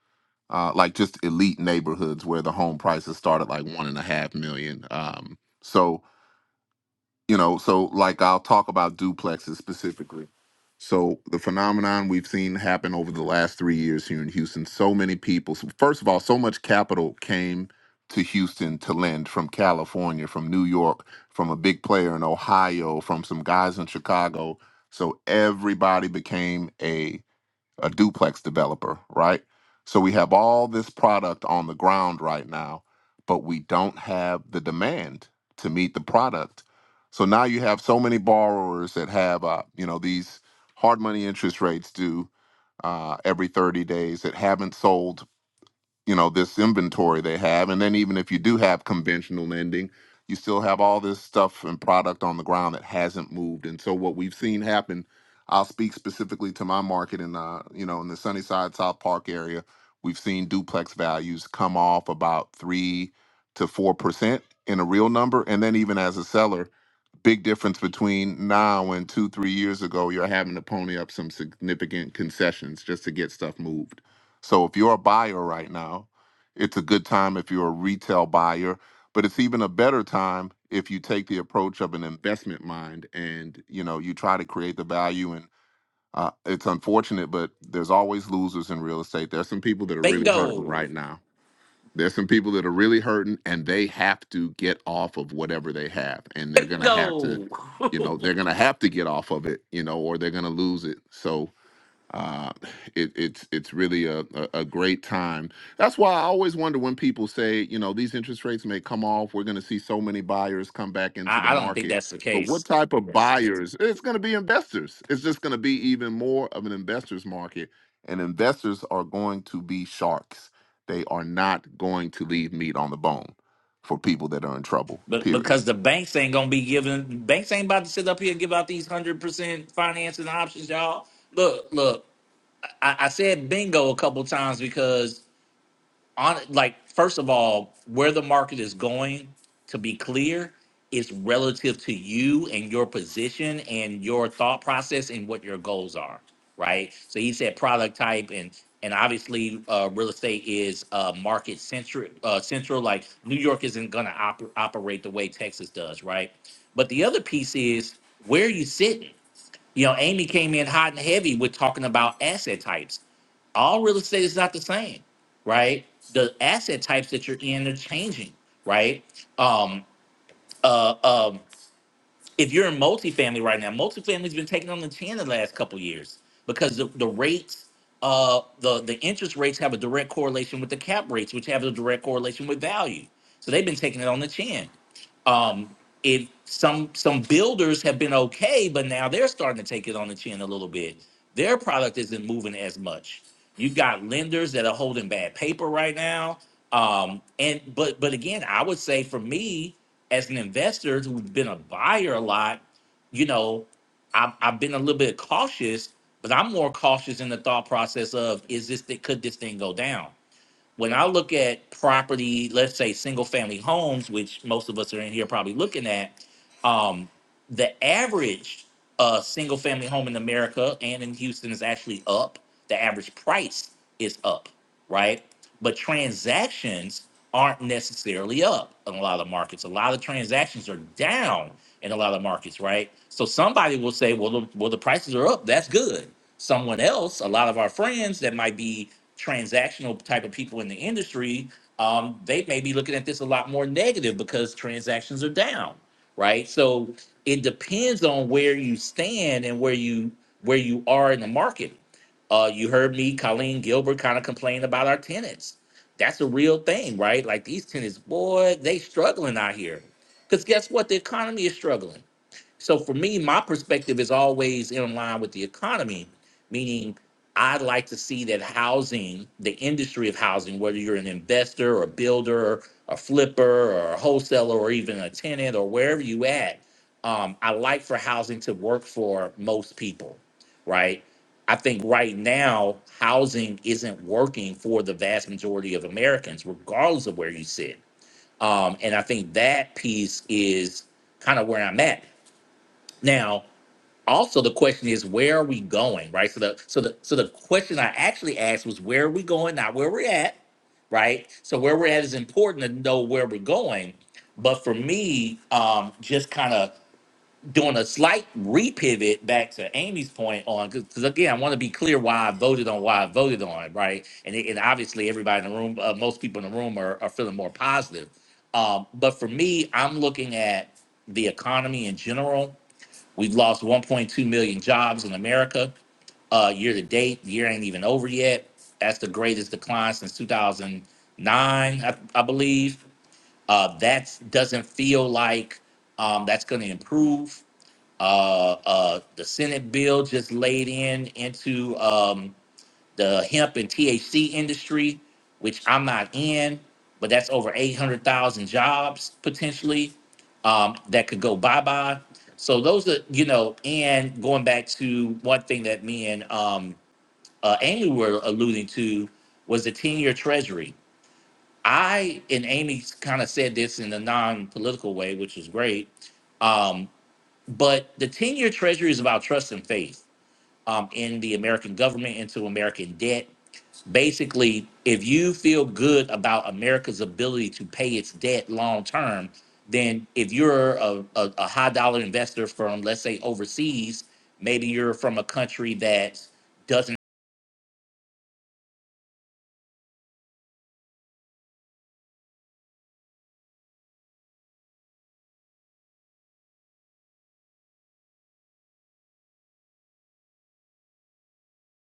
Speaker 2: uh, like just elite neighborhoods where the home prices start at like one and a half million. Um, so you know so like i'll talk about duplexes specifically so the phenomenon we've seen happen over the last three years here in houston so many people so first of all so much capital came to houston to lend from california from new york from a big player in ohio from some guys in chicago so everybody became a a duplex developer, right? So we have all this product on the ground right now, but we don't have the demand to meet the product. So now you have so many borrowers that have, uh, you know, these hard money interest rates due uh, every 30 days that haven't sold you know this inventory they have and then even if you do have conventional lending you still have all this stuff and product on the ground that hasn't moved and so what we've seen happen i'll speak specifically to my market in uh you know in the sunnyside south park area we've seen duplex values come off about three to four percent in a real number and then even as a seller big difference between now and two, three years ago. You're having to pony up some significant concessions just to get stuff moved. So if you're a buyer right now, it's a good time if you're a retail buyer, but it's even a better time if you take the approach of an investment mind and you know you try to create the value and uh, it's unfortunate but there's always losers in real estate there's some people that are really hurting
Speaker 1: Bingo,
Speaker 2: right now there's some people that are really hurting and they have to get off of whatever they have. And they're gonna have to,
Speaker 1: bingo.
Speaker 2: you know, they're gonna have to get off of it, you know, or they're gonna lose it. So uh, it, it's it's really a, a, a great time. That's why I always wonder when people say, you know, these interest rates may come off. We're going to see so many buyers come back into the
Speaker 1: I, I don't think
Speaker 2: market.
Speaker 1: that's the
Speaker 2: But
Speaker 1: case.
Speaker 2: what type of buyers? It's going to be investors. It's just going to be even more of an investors market. And investors are going to be sharks. They are not going to leave meat on the bone for people that are in trouble,
Speaker 1: But
Speaker 2: period.
Speaker 1: because the banks ain't gonna be giving banks ain't about to sit up here and give out these hundred percent financing options, y'all. Look, look, I, I said bingo a couple times because on like first of all where the market is going to be clear is relative to you and your position and your thought process and what your goals are right so he said product type and and obviously uh, real estate is uh, market centric uh, central like new york isn't going to oper operate the way texas does right but the other piece is where are you sitting you know amy came in hot and heavy with talking about asset types all real estate is not the same, right? The asset types that you're in are changing, right? Um, uh, um, if you're in multifamily right now, multifamily's been taken on the chin the last couple of years because the, the rates, uh, the the interest rates have a direct correlation with the cap rates, which have a direct correlation with value. So they've been taking it on the chin. Um, if some some builders have been okay, but now they're starting to take it on the chin a little bit. Their product isn't moving as much. You've got lenders that are holding bad paper right now. Um, and but but again, I would say for me as an investor who's been a buyer a lot, you know, I've, I've been a little bit cautious, but I'm more cautious in the thought process of is this thing could this thing go down? When I look at property, let's say single family homes, which most of us are in here probably looking at, um, the average uh, single family home in America and in Houston is actually up. The average price is up, right? But transactions aren't necessarily up in a lot of markets. A lot of transactions are down in a lot of markets, right? So somebody will say, well, the, well, the prices are up. That's good. Someone else, a lot of our friends that might be transactional type of people in the industry, um, they may be looking at this a lot more negative because transactions are down, right? So it depends on where you stand and where you where you are in the market. Uh, you heard me, Colleen Gilbert, kind of complain about our tenants. That's a real thing, right? Like these tenants, boy, they struggling out here. Because guess what? The economy is struggling so for me, my perspective is always in line with the economy, meaning I'd like to see that housing, the industry of housing, whether you're an investor or a builder, a flipper or a wholesaler or even a tenant or wherever you at, um, I like for housing to work for most people, right? I think right now housing isn't working for the vast majority of Americans, regardless of where you sit. Um, and I think that piece is kind of where I'm at now, also the question is where are we going, right? So the so the so the question I actually asked was where are we going, not where we're at, right? So where we're at is important to know where we're going. But for me, um, just kind of doing a slight repivot back to Amy's point on because again, I want to be clear why I voted on why I voted on, right? And it, and obviously everybody in the room, uh, most people in the room are, are feeling more positive. Um, but for me, I'm looking at the economy in general We've lost 1.2 million jobs in America uh, year to date. The year ain't even over yet. That's the greatest decline since 2009, I, I believe. Uh, that doesn't feel like um, that's going to improve. Uh, uh, the Senate bill just laid in into. Um, the hemp and THC industry, which I'm not in, but that's over 800,000 jobs potentially um, that could go bye bye. So those are, you know, and going back to one thing that me and um, uh, Amy were alluding to was the 10 year treasury. I and Amy kind of said this in a non political way, which was great. Um, but the 10 year treasury is about trust and faith um, in the American government into American debt. Basically, if you feel good about America's ability to pay its debt long term, then if you're a, a, a high dollar investor from, let's say, overseas, maybe you're from a country that doesn't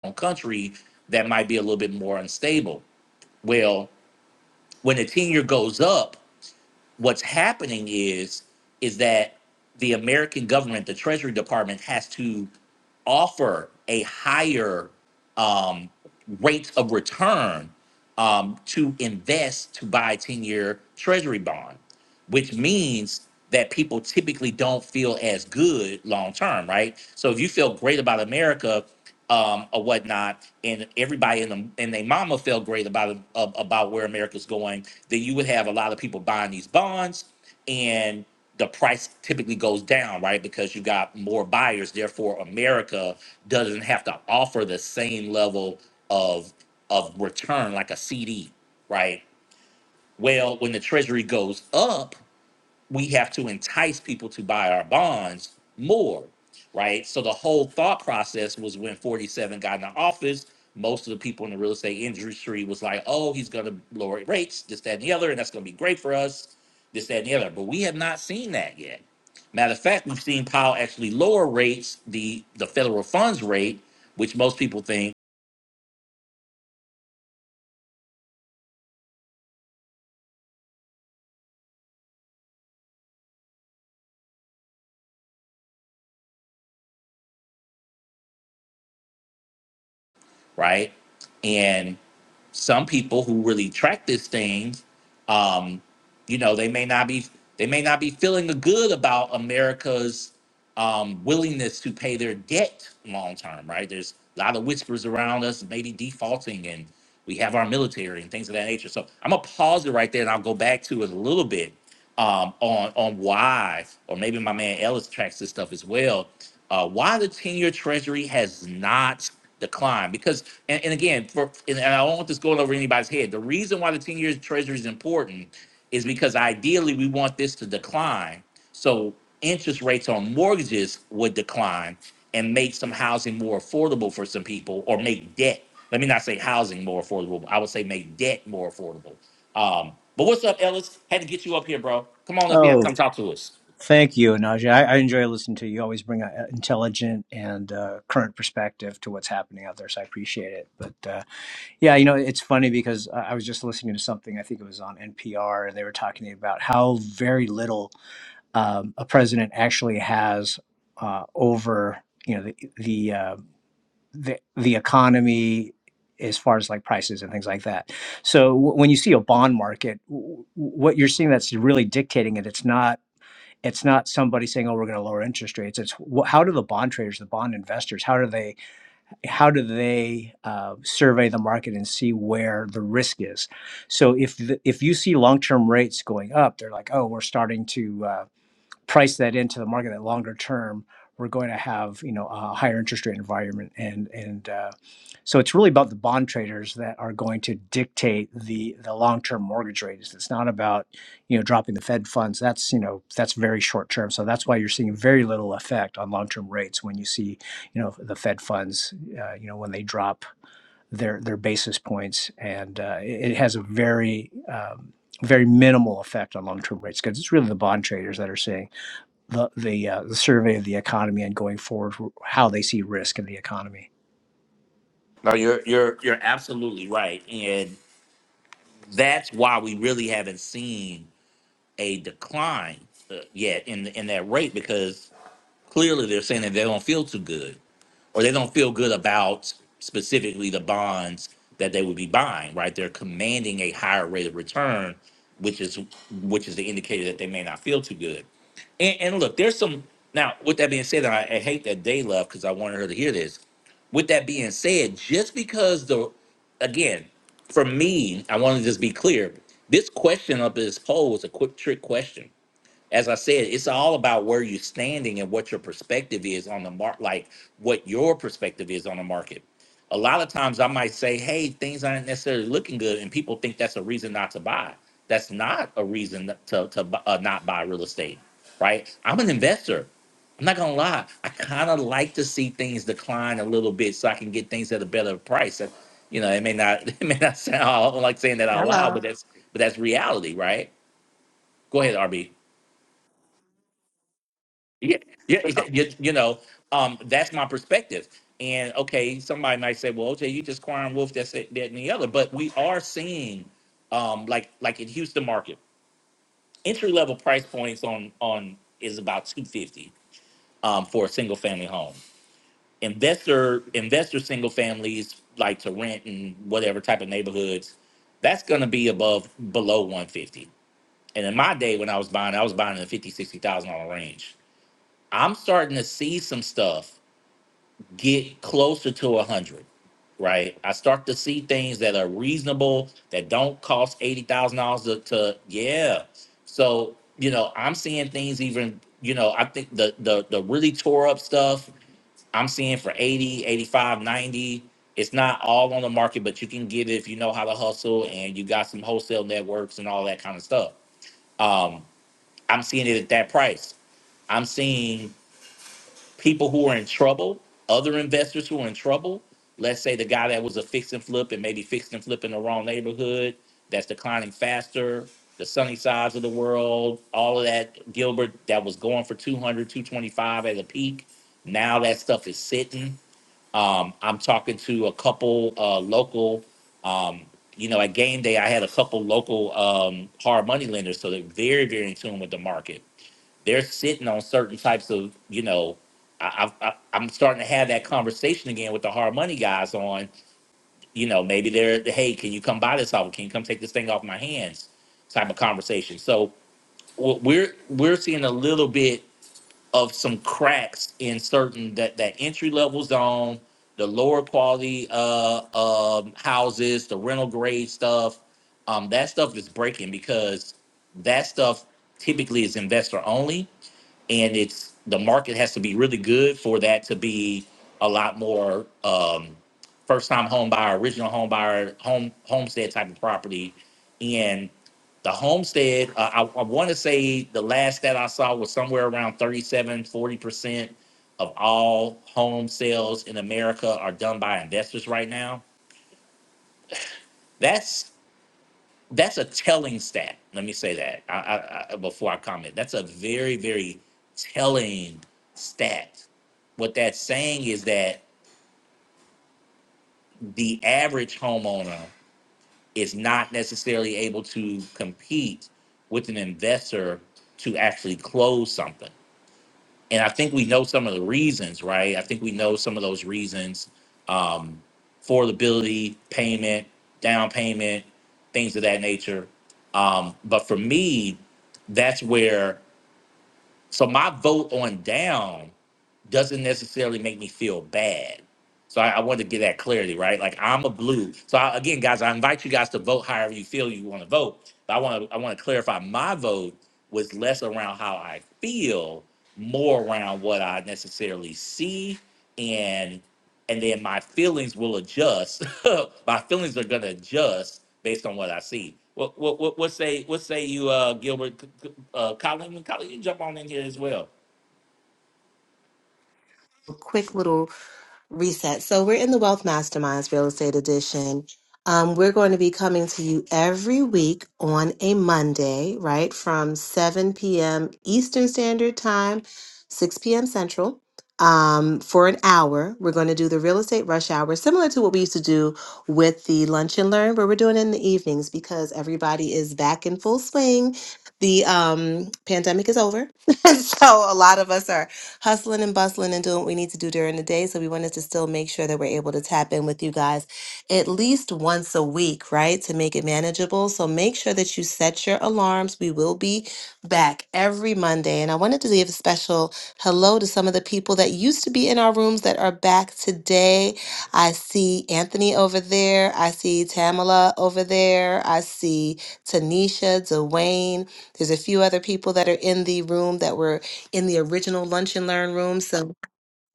Speaker 1: own country that might be a little bit more unstable. Well, when the ten year goes up, what's happening is is that the American government, the Treasury Department, has to offer a higher um, rate of return um, to invest to buy ten year Treasury bond which means that people typically don't feel as good long term, right? So if you feel great about America um, or whatnot, and everybody in the and their mama felt great about it- ab- about where America's going, then you would have a lot of people buying these bonds, and the price typically goes down, right? Because you got more buyers. Therefore, America doesn't have to offer the same level of of return like a CD, right? Well, when the Treasury goes up we have to entice people to buy our bonds more, right? So the whole thought process was when 47 got into office, most of the people in the real estate industry was like, oh, he's going to lower rates, this, that, and the other, and that's going to be great for us, this, that, and the other. But we have not seen that yet. Matter of fact, we've seen Powell actually lower rates, the the federal funds rate, which most people think, right? and some people who really track these things, um, you know, they may not be they may not be feeling good about America's um, willingness to pay their debt long term, right? There's a lot of whispers around us, maybe defaulting, and we have our military and things of that nature. So I'm gonna pause it right there, and I'll go back to it a little bit um, on on why, or maybe my man Ellis tracks this stuff as well. Uh, why the ten-year Treasury has not declined? Because, and, and again, for and and I don't want this going over anybody's head. The reason why the ten-year Treasury is important is because ideally we want this to decline, so interest rates on mortgages would decline and make some housing more affordable for some people or make debt. Let me not say housing more affordable. I would say make debt more affordable. Um, but what's up, Ellis? Had to get you up here, bro. Come on up here and
Speaker 11: Oh,
Speaker 1: come talk to us.
Speaker 11: thank you, Naja. I, I enjoy listening to you. You always bring an intelligent and uh, current perspective to what's happening out there, so I appreciate it. But uh, yeah, you know, it's funny because I I was just listening to something. I think it was on NPR, and they were talking about how very little um, a president actually has uh, over, you know, the the, uh, the the economy as far as like prices and things like that. So w- when you see a bond market, w- w- what you're seeing that's really dictating it, it's not it's not somebody saying, "Oh, we're going to lower interest rates." It's wh- how do the bond traders, the bond investors, how do they how do they uh, survey the market and see where the risk is? So if the, if you see long term rates going up, they're like, "Oh, we're starting to." uh, price that into the market that longer term we're going to have you know a higher interest rate environment and and uh, so it's really about the bond traders that are going to dictate the the long term mortgage rates it's not about you know dropping the fed funds that's you know that's very short term so that's why you're seeing very little effect on long term rates when you see you know the fed funds uh, you know when they drop their their basis points, and uh, it, it has a very um, very minimal effect on long term rates because it's really the bond traders that are seeing the the, uh, the survey of the economy and going forward, how they see risk in the economy.
Speaker 1: No, you're you're you're absolutely right, and that's why we really haven't seen a decline uh, yet in in that rate because clearly they're saying that they don't feel too good. or they don't feel good about specifically the bonds that they would be buying, right? They're commanding a higher rate of return, which is which is the indicator that they may not feel too good. And, and look, there's some now. With that being said, and I, I hate that day left because I wanted her to hear this. With that being said, just because the again, for me, I want to just be clear. This question up in this poll was a quick trick question as I said, it's all about where you're standing and what your perspective is on the market, like what your perspective is on the market. A lot of times I might say, hey, things aren't necessarily looking good. And people think that's a reason not to buy. That's not a reason not to, to bu- uh, not buy real estate, right? I'm an investor. I'm not going to lie. I kind of like to see things decline a little bit so I can get things at a better price. And, you know, it may not, it may not sound I don't like saying that out loud, but
Speaker 4: Hello.
Speaker 1: that's, but that's reality, right? Go ahead, RB. yeah, yeah, yeah, you, you know, um, that's my perspective. And okay, somebody might say, "Well, okay, you just crying wolf." That's it, that, and the other. But we are seeing, um, like like in Houston market, entry level price points on on is about two fifty um, for a single family home. Investor investor single families like to rent in whatever type of neighborhoods. That's gonna be above below one fifty. And in my day when I was buying, I was buying in the fifty sixty thousand dollar range. I'm starting to see some stuff get closer to 100 right i start to see things that are reasonable that don't cost $80000 to, to yeah so you know i'm seeing things even you know i think the the, the really tore up stuff i'm seeing for 80, 85, 90. it's not all on the market but you can get it if you know how to hustle and you got some wholesale networks and all that kind of stuff um i'm seeing it at that price i'm seeing people who are in trouble, other investors who are in trouble. Let's say the guy that was a fix and flip and maybe fixed and flip in the wrong neighborhood that's declining faster, the sunny sides of the world, all of that. Gilbert that was going for 200, 225 at a peak. Now that stuff is sitting. Um, I'm talking to a couple uh, local, um, you know, at game day, I had a couple local um, hard money lenders. So they're very, very in tune with the market they're sitting on certain types of you know I, I, I- i'm starting to have that conversation again with the hard money guys on you know maybe they're hey can you come buy this off can you come take this thing off my hands type of conversation so w- we're we're seeing a little bit of some cracks in certain that that entry level zone the lower quality uh um houses the rental grade stuff um that stuff is breaking because that stuff typically is investor only and it's the market has to be really good for that to be a lot more um, first time home buyer, original home buyer, home homestead type of property. And the homestead, uh, I, I want to say the last that I saw was somewhere around thirty-seven, forty percent of all home sales in America are done by investors right now. That's that's a telling stat. Let me say that I, I, I, before I comment. That's a very, very telling stat. What that's saying is that the average homeowner is not necessarily able to compete with an investor to actually close something. and I think we know some of the reasons, right? I think we know some of those reasons: um, affordability, payment, down payment, things of that nature. Um, but for me, that's where. So my vote on down doesn't necessarily make me feel bad. So I, I wanted to get that clarity, right? Like I'm a blue. So I, again, guys, I invite you guys to vote however you feel you want to vote. But I want to I want to clarify my vote was less around how I feel, more around what I necessarily see and and then my feelings will adjust. my feelings are gonna adjust based on what I see. What what what, what say what say you uh Gilbert C- C- uh Colin Colin you jump on in here as well.
Speaker 4: A quick little Reset. So we're in the Wealth Masterminds Real Estate Edition. Um, we're going to be coming to you every week on a Monday, right, from 7 p.m. Eastern Standard Time, 6 p.m. Central, um, for an hour. We're going to do the Real Estate Rush Hour, similar to what we used to do with the Lunch and Learn, but we're doing it in the evenings because everybody is back in full swing. The um, pandemic is over. so a lot of us are hustling and bustling and doing what we need to do during the day. So we wanted to still make sure that we're able to tap in with you guys at least once a week, right? To make it manageable. So make sure that you set your alarms. We will be back every Monday. And I wanted to give a special hello to some of the people that used to be in our rooms that are back today. I see Anthony over there. I see Tamala over there. I see Tanisha, Dwayne. There's a few other people that are in the room that were in the original lunch and learn room. So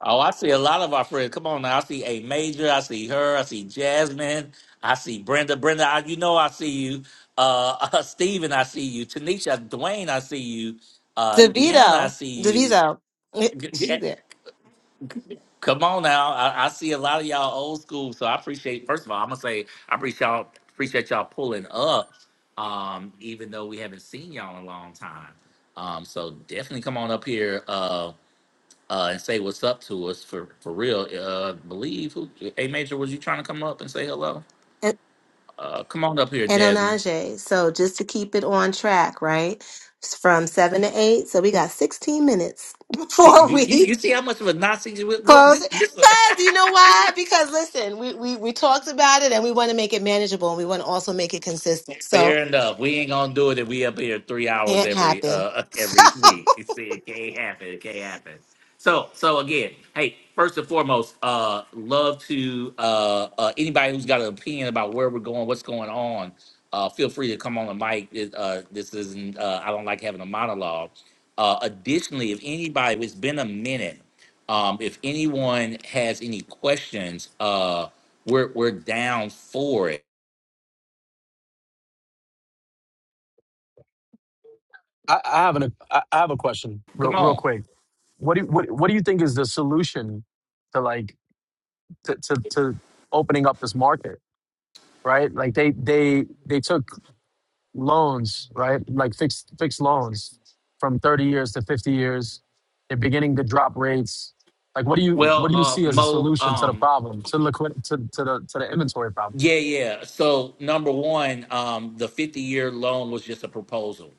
Speaker 1: Oh, I see a lot of our friends. Come on now. I see A Major. I see her. I see Jasmine. I see Brenda. Brenda, I, you know I see you. Uh, uh Steven, I see you. Tanisha, Dwayne, I see you. Uh, Deanna, I
Speaker 4: DeVito,
Speaker 1: see you.
Speaker 4: DeVito, eh, she's there.
Speaker 1: Come on now. I, I see a lot of y'all old school. So I appreciate, first of all, I'm going to say, I appreciate y'all, appreciate y'all pulling up, um, even though we haven't seen y'all in a long time. Um, so definitely come on up here. Uh uh, and say what's up to us for for real. Uh, believe who a major was you trying to come up and say hello?
Speaker 4: And,
Speaker 1: Uh, come on up here,
Speaker 4: and
Speaker 1: Jasmine.
Speaker 4: Onaje. So just to keep it on track, right? It's from seven to eight. So we got 16 minutes
Speaker 1: See,
Speaker 4: before
Speaker 1: you, you
Speaker 4: we
Speaker 1: you see how much of a Nazi you is? Boy,
Speaker 4: close.
Speaker 1: this this.
Speaker 4: Cause you know why? Because listen, we, we, we talked about it and we want to make it manageable and we want to also make it consistent. So
Speaker 1: Fair enough. We ain't gonna do it if we up here three hours
Speaker 4: can't
Speaker 1: every
Speaker 4: happen.
Speaker 1: uh every week. You see, it can't happen. It can't happen. So so again, hey, first and foremost, uh love to uh uh anybody who's got an opinion about where we're going, what's going on, uh feel free to come on the mic. It, uh this isn't uh I don't like having a monologue. Uh additionally, if anybody it's been a minute, um if anyone has any questions, uh we're we're down for it.
Speaker 10: I, I have an I I have a question real
Speaker 1: Come
Speaker 10: real
Speaker 1: on.
Speaker 10: quick. What do you, what what do you think is the solution to like to to, to opening up this market? Right, like they they they took loans, right? Like fixed fixed loans from 30 years to 50 years. They're beginning to drop rates. Like what do you
Speaker 1: Well,
Speaker 10: what do you
Speaker 1: uh,
Speaker 10: see as a
Speaker 1: Mo,
Speaker 10: solution to the
Speaker 1: um,
Speaker 10: problem, to liquid to, to the to the inventory problem?
Speaker 1: yeah, yeah. So number one, um, the fifty-year loan was just a proposal.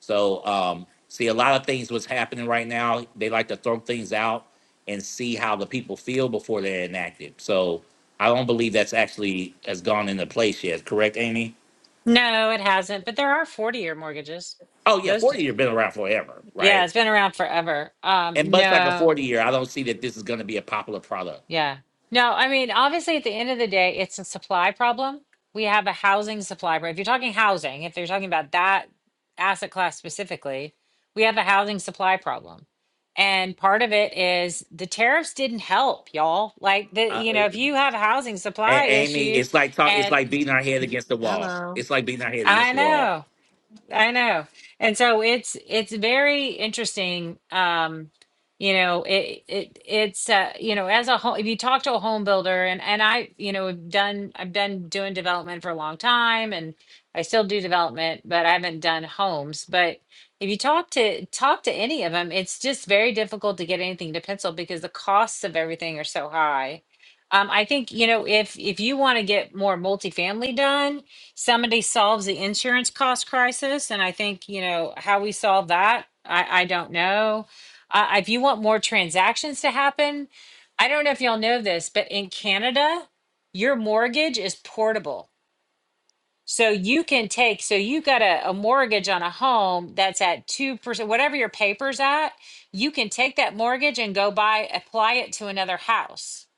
Speaker 1: So um, see, a lot of things what's happening right now. They like to throw things out and see how the people feel before they're enacted. So I don't believe that's actually has gone into place yet. Correct, Amy?
Speaker 8: No, it hasn't. But there are 40 year mortgages.
Speaker 1: Oh yeah,
Speaker 8: Those, do,
Speaker 1: forty-year been around forever,
Speaker 8: yeah,
Speaker 1: right?
Speaker 8: it's been around forever.
Speaker 1: And
Speaker 8: Um,
Speaker 1: much like a
Speaker 8: no.
Speaker 1: forty-year, I don't see that this is going to be a popular product.
Speaker 8: Yeah. No, I mean, obviously, at the end of the day, it's a supply problem. We have a housing supply problem. If you're talking housing, if you're talking about that asset class specifically, we have a housing supply problem. And part of it is the tariffs didn't help, y'all. Like the,
Speaker 1: Uh,
Speaker 8: you know, if you have a housing supply
Speaker 1: A- Amy,
Speaker 8: issue
Speaker 1: it's like talk. It's
Speaker 8: and
Speaker 1: like beating our head against the wall. It's like beating our head against
Speaker 8: I
Speaker 1: the wall.
Speaker 8: know. I know. And so it's it's very interesting. Um, you know, it it it's uh, you know, as a home if you talk to a home builder and and I, you know, have done I've been doing development for a long time and I still do development, but I haven't done homes. But if you talk to talk to any of them, it's just very difficult to get anything to pencil because the costs of everything are so high. Um, I think, you know, if if you want to get more multifamily done, somebody solves the insurance cost crisis and i think you know how we solve that i i don't know uh, if you want more transactions to happen i don't know if y'all know this but in canada your mortgage is portable so you can take so you got a, a mortgage on a home that's at 2% whatever your papers at you can take that mortgage and go buy apply it to another house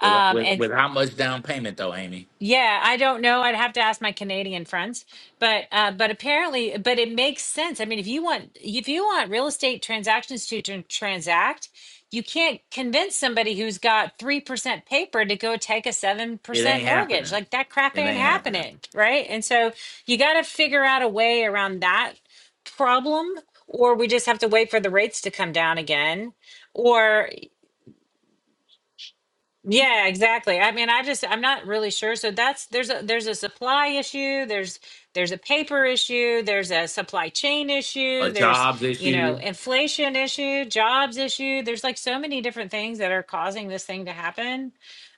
Speaker 1: With
Speaker 8: um,
Speaker 1: with
Speaker 8: and
Speaker 1: with how much down payment though, Amy?
Speaker 8: yeah, I don't know. I'd have to ask my Canadian friends, but uh, but apparently, but it makes sense. I mean, if you want if you want real estate transactions to tran- transact, you can't convince somebody who's got three percent paper to go take a seven
Speaker 1: It
Speaker 8: percent
Speaker 1: ain't
Speaker 8: mortgage.
Speaker 1: happening.
Speaker 8: Like that crap
Speaker 1: It
Speaker 8: ain't
Speaker 1: ain't happening.
Speaker 8: happening, right? And so you got to figure out a way around that problem, or we just have to wait for the rates to come down again, yeah, exactly. I mean, I just I'm not really sure. So that's there's a there's a supply issue, there's there's a paper issue, there's a supply chain
Speaker 1: A
Speaker 8: issue, there's,
Speaker 1: jobs
Speaker 8: you know,
Speaker 1: issue.
Speaker 8: inflation issue, jobs issue. There's like so many different things that are causing this thing to happen.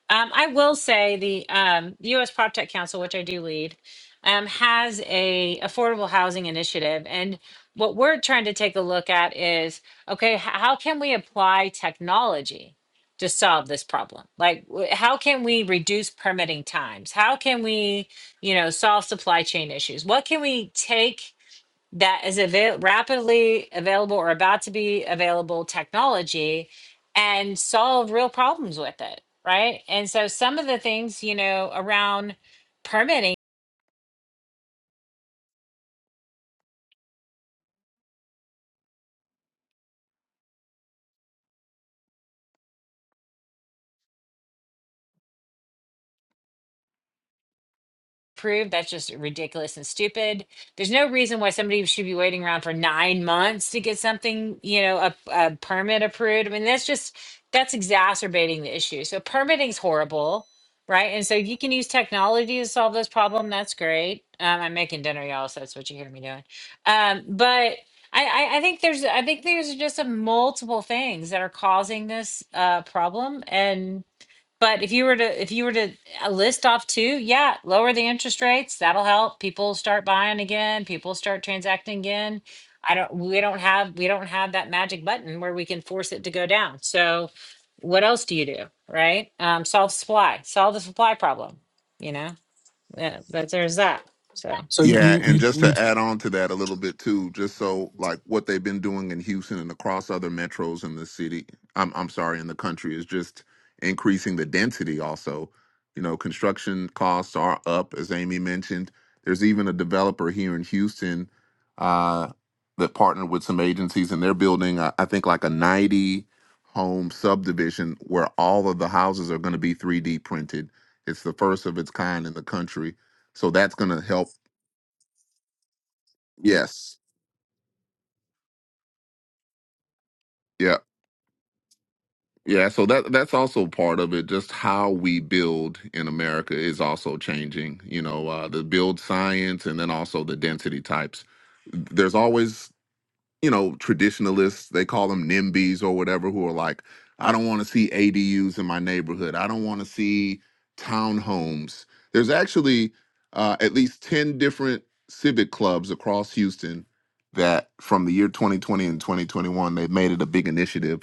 Speaker 8: Um, I will say the um, U.S. Prop Tech Council, which I do lead, um, has a affordable housing initiative, and what we're trying to take a look at is okay, h- how can we apply technology to solve this problem? Like, wh- how can we reduce permitting times? How can we, you know, solve supply chain issues? What can we take? that is avail- rapidly available or about to be available technology and solve real problems with it, right? And so some of the things, you know, around permitting. approved. That's just ridiculous and stupid. There's no reason why somebody should be waiting around for nine months to get something, you know, a, a permit approved. I mean, that's just that's exacerbating the issue. So permitting's horrible, right? And so you can use technology to solve this problem. That's great. Um, I'm making dinner, y'all, so that's what you hear me doing. Um, but I, I, I think there's I think there's just a multiple things that are causing this uh, problem, and but if you were to if you were to uh, list off two, yeah, lower the interest rates, that'll help. People start buying again, people start transacting again. I don't we don't have we don't have that magic button where we can force it to go down. So what else do you do, right? Um, solve supply, solve the supply problem, you know? Yeah, but there's that. So
Speaker 10: So
Speaker 2: Yeah,
Speaker 10: you
Speaker 2: and
Speaker 10: you
Speaker 2: just
Speaker 10: you
Speaker 2: to add on to that a little bit too, just so like what they've been doing in Houston and across other metros in the city, I'm I'm sorry, in the country is just increasing the density also. You know, construction costs are up, as Amy mentioned. There's even a developer here in Houston uh, that partnered with some agencies, and they're building, uh, I think, like a 90 home subdivision where all of the houses are going to be 3D printed. It's the first of its kind in the country. So that's going to help Yes. Yeah. Yeah. So that that's also part of it. Just how we build in America is also changing. You know, uh, the build science and then also the density types. There's always you know, traditionalists, they call them NIMBYs or whatever, who are like, I don't want to see ADUs in my neighborhood. I don't want to see townhomes. There's actually uh, at least 10 different civic clubs across Houston that from the year 2020 and 2021, they've made it a big initiative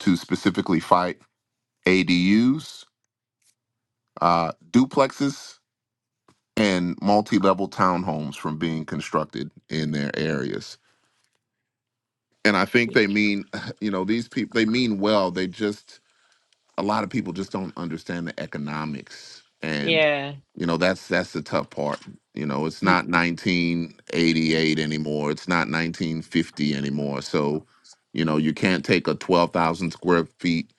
Speaker 2: to specifically fight ADUs, uh, duplexes, and multi level townhomes from being constructed in their areas. and I think they mean, you know, these people they mean well. They just a lot of people just don't understand the economics and
Speaker 8: yeah,
Speaker 2: you know that's that's the tough part you know it's
Speaker 8: y-
Speaker 2: not 1988 anymore it's not 1950 anymore so you know you can't take a 12,000 square feet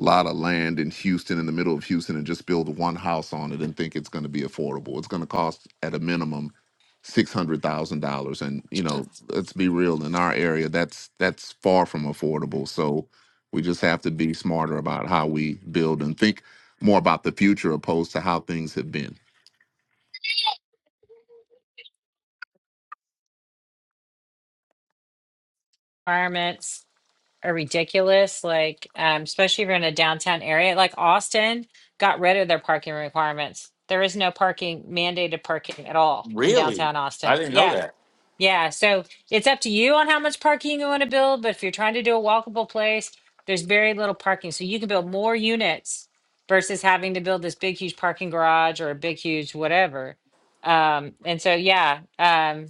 Speaker 2: lot of land in Houston in the middle of Houston and just build one house on it and think it's going to be affordable it's going to cost at a minimum $600,000 and you know let's be real in our area that's that's far from affordable so we just have to be smarter about how we build and think more about the future opposed to how things have been.
Speaker 8: requirements. are ridiculous, like, um, especially if you're in a downtown area, like Austin got rid of their parking requirements. There is no parking, mandated parking at all in
Speaker 1: Really?
Speaker 8: downtown
Speaker 1: I
Speaker 8: Austin.
Speaker 1: didn't know
Speaker 8: Yeah,
Speaker 1: that.
Speaker 8: yeah, so it's up to you on how much parking you want to build, but if you're trying to do a walkable place, there's very little parking. So you can build more units versus having to build this big, huge parking garage or a big, huge whatever. Um, and so, yeah, um,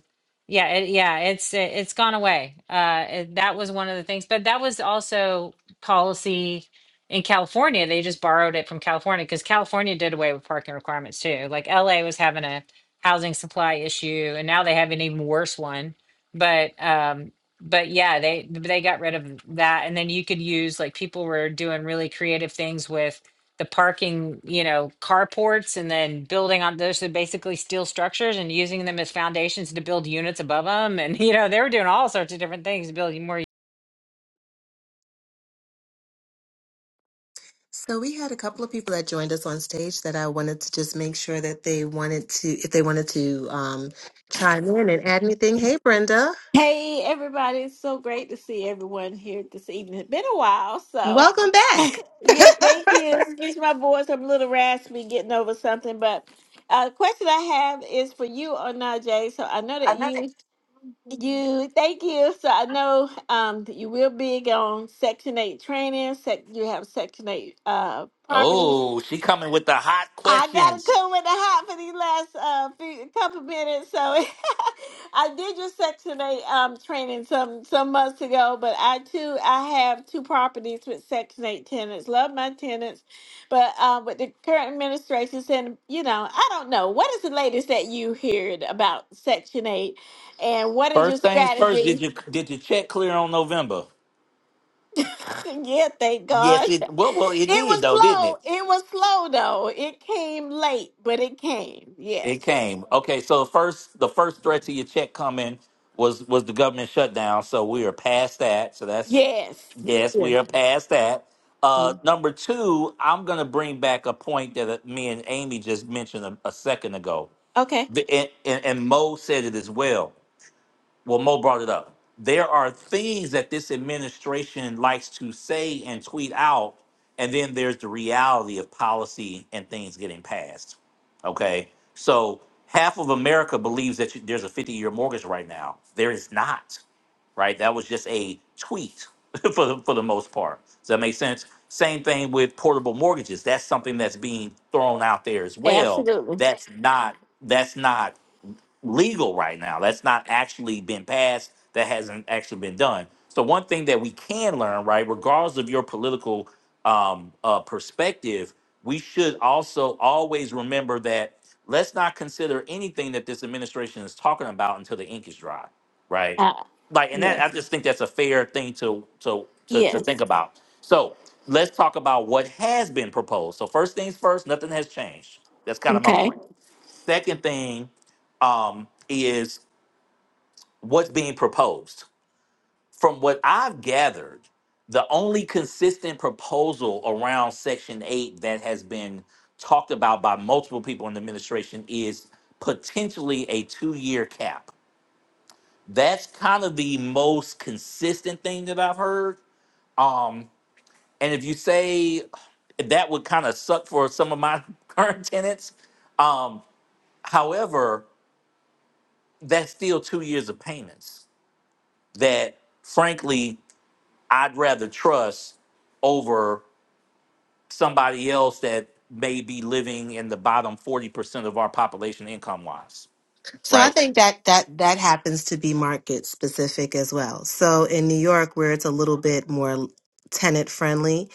Speaker 8: yeah, it, yeah, it's it, it's gone away. Uh, it- that was one of the things, but that was also policy in California. They just borrowed it from California because California did away with parking requirements too. Like LA was having a housing supply issue, and now they have an even worse one. But um, but yeah, they they got rid of that, and then you could use like people were doing really creative things with the parking, you know, carports, and then building on those are basically steel structures and using them as foundations to build units above them, and you know they were doing all sorts of different things to build more
Speaker 4: So we had a couple of people that joined us on stage that I wanted to just make sure that they wanted to, if they wanted to um, chime in and add anything. Hey, Brenda,
Speaker 12: Hey everybody, it's so great to see everyone here this evening. It's been a while, so
Speaker 4: welcome back.
Speaker 12: yeah, thank you. Excuse my voice, I'm a little raspy getting over something, but uh the question I have is for you Onaje. So I know that
Speaker 4: Another.
Speaker 12: you you thank you. So I know um that you will big on section eight training, sec you have section eight uh properties.
Speaker 1: Oh, she coming with the hot
Speaker 12: I gotta
Speaker 1: questions.
Speaker 12: come with the hot for these last uh few, couple minutes. So I did your Section Eight um training some some months ago, but I too I have two properties with Section Eight tenants. Love my tenants, but um with the current administration saying, you know, I don't know what is the latest that you heard about Section Eight, and what is your
Speaker 1: First things first. Did
Speaker 12: strategy?
Speaker 1: you did your check clear on November?
Speaker 12: yeah, thank
Speaker 1: Yes.
Speaker 12: God.
Speaker 1: It well well it
Speaker 12: It
Speaker 1: did
Speaker 12: was
Speaker 1: though, didn't it?
Speaker 12: slow. It was slow though. It came late, but it came.
Speaker 1: It
Speaker 12: Yes.
Speaker 1: came. Okay. So first the first threat to your check coming was was the government shutdown. So we are past that. So that's
Speaker 12: Yes.
Speaker 1: Yes, we are past that.
Speaker 12: Yeah.
Speaker 1: Uh, number two, I'm going to bring back a point that uh, me and Amy just mentioned a, a second ago.
Speaker 12: Okay.
Speaker 1: The, and, and, and Mo said it as well well, Mo brought it up. There are things that this administration likes to say and tweet out, and then there's the reality of policy and things getting passed. Okay, so half of America believes that you- there's a 50-year mortgage right now. There is not. Right, that was just a tweet for the, for the most part. Does that make sense? Same thing with portable mortgages. That's something that's being thrown out there as well.
Speaker 12: Absolutely.
Speaker 1: That's not. That's not legal right now. That's not actually been passed. That hasn't actually been done. So one thing that we can learn, right, regardless of your political um, uh, perspective, we should also always remember that let's not consider anything that this administration is talking about until the ink is dry, right?
Speaker 12: Uh,
Speaker 1: Like, and that I
Speaker 12: yes.
Speaker 1: just think that's a fair thing to to to, to think
Speaker 12: Yes.
Speaker 1: about. So let's talk about what has been proposed. So first things first, nothing has changed. That's kind of my
Speaker 12: Okay.
Speaker 1: point. Second thing um, is what's being proposed. From what I've gathered, the only consistent proposal around Section 8 that has been talked about by multiple people in the administration is potentially a two year cap. That's kind of the most consistent thing that I've heard. Um, and if you say that would kind of suck for some of my current tenants. Um, however, that's still two years of payments that frankly I'd rather trust over somebody else that may be living in the bottom 40% of our population income wise,
Speaker 4: So I
Speaker 1: right?
Speaker 4: think that that that happens to be market specific as well. So in New York, where it's a little bit more tenant friendly,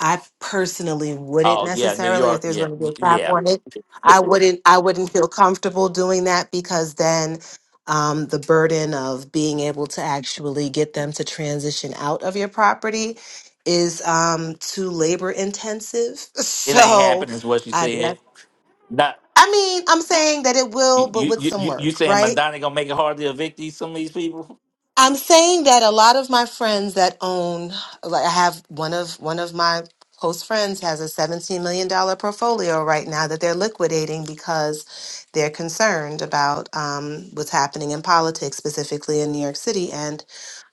Speaker 4: I personally wouldn't
Speaker 1: Oh, yeah, New
Speaker 4: necessarily, if
Speaker 1: York.
Speaker 4: there's
Speaker 1: Yeah,
Speaker 4: going to be a
Speaker 1: y-
Speaker 4: cap
Speaker 1: yeah.
Speaker 4: on it, I wouldn't I wouldn't feel comfortable doing that because then um, the burden of being able to actually get them to transition out of your property is um, too labor intensive.
Speaker 1: It ain't
Speaker 4: So
Speaker 1: happening, is what she
Speaker 4: I,
Speaker 1: said.
Speaker 4: that's
Speaker 1: Not.
Speaker 4: I mean, I'm saying that it
Speaker 1: You,
Speaker 4: will, but
Speaker 1: you
Speaker 4: with
Speaker 1: you
Speaker 4: some
Speaker 1: you
Speaker 4: work,
Speaker 1: saying
Speaker 4: right?
Speaker 1: Madonna gonna make it hard to evict these some of these people?
Speaker 4: I'm saying that a lot of my friends that own, like I have one of one of my close friends has a $17 million dollar portfolio right now that they're liquidating because they're concerned about um, what's happening in politics, specifically in New York City, and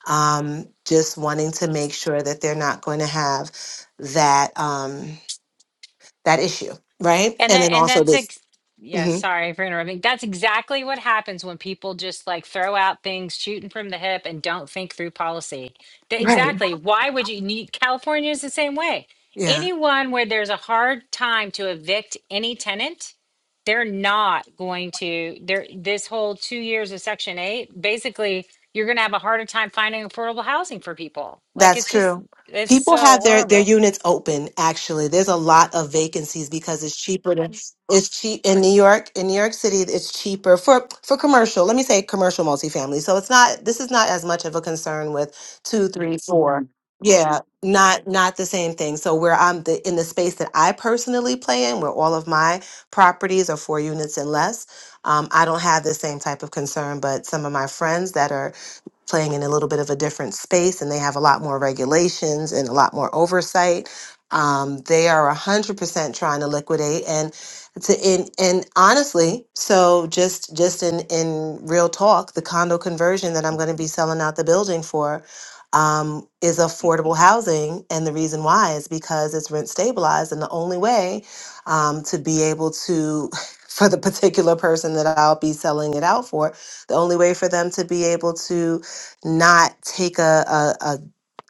Speaker 4: um, just wanting to make sure that they're not going to have that um, that issue, right?
Speaker 8: And
Speaker 4: And
Speaker 8: that
Speaker 4: then
Speaker 8: and
Speaker 4: also
Speaker 8: that's
Speaker 4: this,
Speaker 8: ex- yeah,
Speaker 4: mhm.
Speaker 8: sorry for interrupting. That's exactly what happens when people just like throw out things shooting from the hip and don't think through policy. Th-
Speaker 4: Right.
Speaker 8: exactly. Why would you need California is the same way.
Speaker 4: yeah.
Speaker 8: Anyone where there's a hard time to evict any tenant, they're not going to There, this whole 2 years of section 8, basically you're going to have a harder time finding affordable housing for people. Like
Speaker 4: That's
Speaker 8: it's just
Speaker 4: true.
Speaker 8: it's
Speaker 4: People
Speaker 8: so
Speaker 4: have their their
Speaker 8: horrible.
Speaker 4: units open actually. There's a lot of vacancies because it's cheaper to it's cheap in New York, in New York City, it's cheaper for for commercial. Let me say commercial multifamily. So it's not this is not as much of a concern with two, three, four. Yeah, not not the same thing. So where I'm the in the space that I personally play in, where all of my properties are four units and less, um, I don't have the same type of concern. But some of my friends that are playing in a little bit of a different space and they have a lot more regulations and a lot more oversight. Um, they are 100% trying to liquidate and to and, and honestly, so just just in in real talk, the condo conversion that I'm going to be selling out the building for um, is affordable housing, and the reason why is because it's rent stabilized, and the only way um, to be able to for the particular person that I'll be selling it out for, the only way for them to be able to not take a, a, a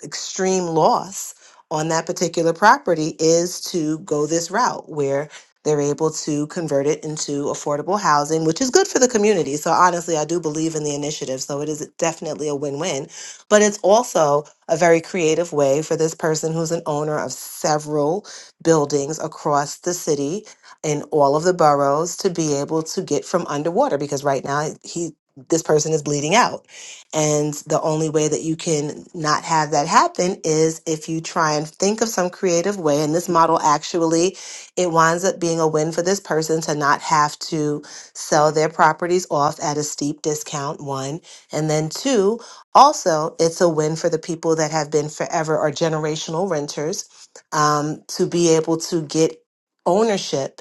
Speaker 4: extreme loss on that particular property is to go this route where they're able to convert it into affordable housing, which is good for the community. So honestly, I do believe in the initiative. So it is definitely a win-win, but it's also a very creative way for this person who's an owner of several buildings across the city in all of the boroughs to be able to get from underwater because right now he this person is bleeding out. And the only way that you can not have that happen is if you try and think of some creative way. And this model actually, it winds up being a win for this person to not have to sell their properties off at a steep discount, one. And then two, also, it's a win for the people that have been forever or generational renters um, to be able to get ownership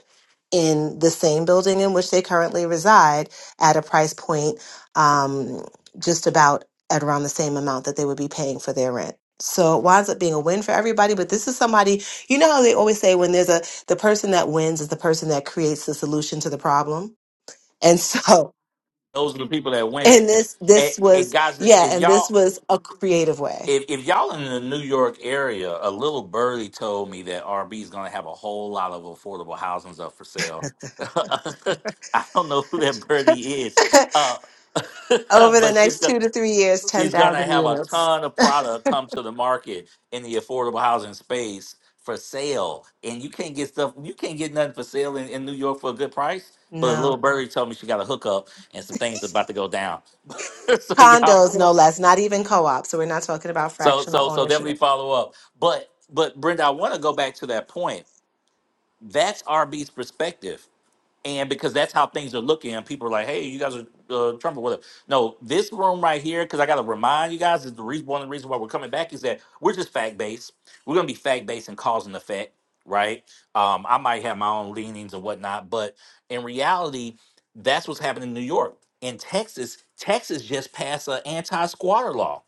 Speaker 4: in the same building in which they currently reside at a price point Um, just about at around the same amount that they would be paying for their rent. So it winds up being a win for everybody, but this is somebody, you know how they always say when there's a the person that wins is the person that creates the solution to the problem. And so
Speaker 1: Those are the people that winning.
Speaker 4: and this
Speaker 1: And,
Speaker 4: this
Speaker 1: and
Speaker 4: was
Speaker 1: guys,
Speaker 4: yeah,
Speaker 1: if
Speaker 4: and this
Speaker 1: y'all
Speaker 4: was a creative way.
Speaker 1: if if y'all in the New York area, a little birdie told me that RB is going to have a whole lot of affordable housings up for sale. I don't know who that birdie is, uh,
Speaker 4: Over the
Speaker 1: but she's has
Speaker 4: next
Speaker 1: got
Speaker 4: two to three years, ten
Speaker 1: she's going to
Speaker 4: thousand
Speaker 1: have a
Speaker 4: units.
Speaker 1: ton of product come to the market in the affordable housing space for sale, and you can't get stuff you can't get nothing for sale in, in New York for a good price. But a little
Speaker 4: No.
Speaker 1: birdie told me she got a hookup and some things about to go down. so
Speaker 4: Condos,
Speaker 1: y'all.
Speaker 4: no less, not even co-op. So we're not talking about
Speaker 1: So
Speaker 4: fractional
Speaker 1: so so
Speaker 4: ownership.
Speaker 1: definitely follow up. But but Brenda, I want to go back to that point. That's RB's perspective, and because that's how things are looking, and people are like, "Hey, you guys are uh, Trump or whatever." No, this room right here, because I got to remind you guys, is the reason one of the reasons why we're coming back is that we're just fact based. We're gonna be fact based and cause and effect, right? Um, I might have my own leanings and whatnot, but in reality, that's what's happening in New York. In Texas, Texas just passed an anti-squatter law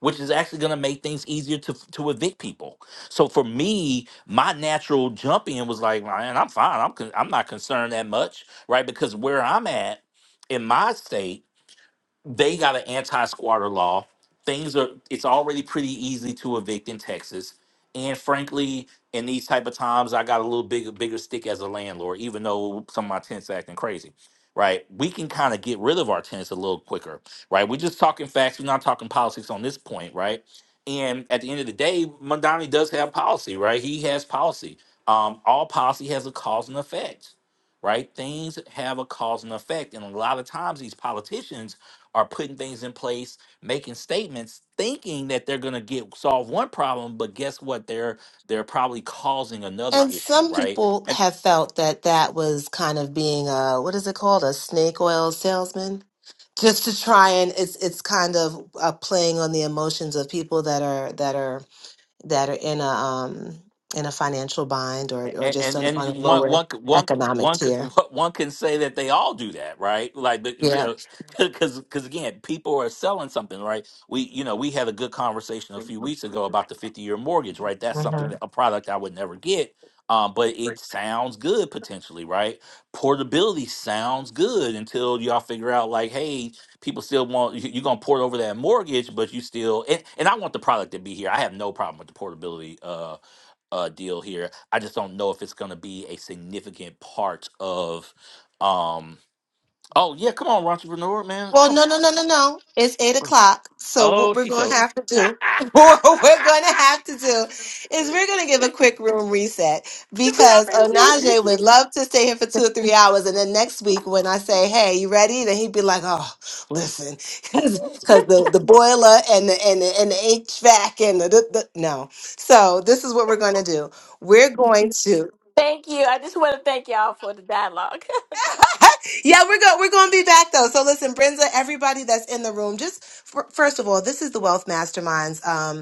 Speaker 1: which is actually going to make things easier to to evict people. So for me, my natural jump in was like, man, I'm fine. I'm con- I'm not concerned that much, right? Because where I'm at in my state they got an anti-squatter law. Things are it's already pretty easy to evict in Texas. And frankly, in these type of times, I got a little bigger bigger stick as a landlord, even though some of my tenants acting crazy. Right. We can kind of get rid of our tenants a little quicker. Right. We're just talking facts. We're not talking politics on this point, right? And at the end of the day, Mondani does have policy, right? He has policy. Um, all policy has a cause and effect, right? Things have a cause and effect. And a lot of times these politicians are putting things in place, making statements, thinking that they're going to get solve one problem, but guess what? They're they're probably causing another
Speaker 4: And
Speaker 1: issue,
Speaker 4: some
Speaker 1: right?
Speaker 4: people have felt that that was kind of being a what is it called a snake oil salesman, just to try and it's it's kind of uh, playing on the emotions of people that are that are that are in a um in a financial bind or or
Speaker 1: and
Speaker 4: just
Speaker 1: and,
Speaker 4: on,
Speaker 1: and
Speaker 4: on a
Speaker 1: you- one
Speaker 4: lower
Speaker 1: one c- one
Speaker 4: economic
Speaker 1: one c-
Speaker 4: tier.
Speaker 1: one can say that they all do that, right? Like, but you
Speaker 4: Yeah.
Speaker 1: know, because because again, people are selling something, right? We you know we had a good conversation a few weeks ago about the fifty year mortgage, right? That's
Speaker 4: Mm-hmm.
Speaker 1: something that- a product I would never get. Um, but it sounds good potentially, right? Portability sounds good until y'all figure out like, hey, people still want you- you're gonna port over that mortgage, but you still and, and I want the product to be here. I have no problem with the portability uh uh, deal here. I just don't know if it's going to be a significant part of. Um, oh yeah, come on, entrepreneur man,
Speaker 4: Well,
Speaker 1: come.
Speaker 4: no, no, no, no, no. It's eight o'clock. So what
Speaker 1: Oh,
Speaker 4: we're
Speaker 1: she's
Speaker 4: going to
Speaker 1: so.
Speaker 4: have to
Speaker 1: you
Speaker 4: do, what we're going to have to do, is we're going to give a quick room reset
Speaker 1: see how
Speaker 4: because
Speaker 1: bad she? is?
Speaker 4: Onaje would love to stay here for two or three hours, and then next week when I say, "Hey, you ready?" then he'd be like, "Oh, listen," because the the boiler and the and the, and the HVAC and the, the, the no. So this is what we're going to do. We're going to.
Speaker 12: Thank you. I just want to thank y'all for the dialogue. okay.
Speaker 4: yeah, we're going we're going to be back though. So listen, Brenza, everybody that's in the room, just f- first of all, this is the Wealth Masterminds. Um,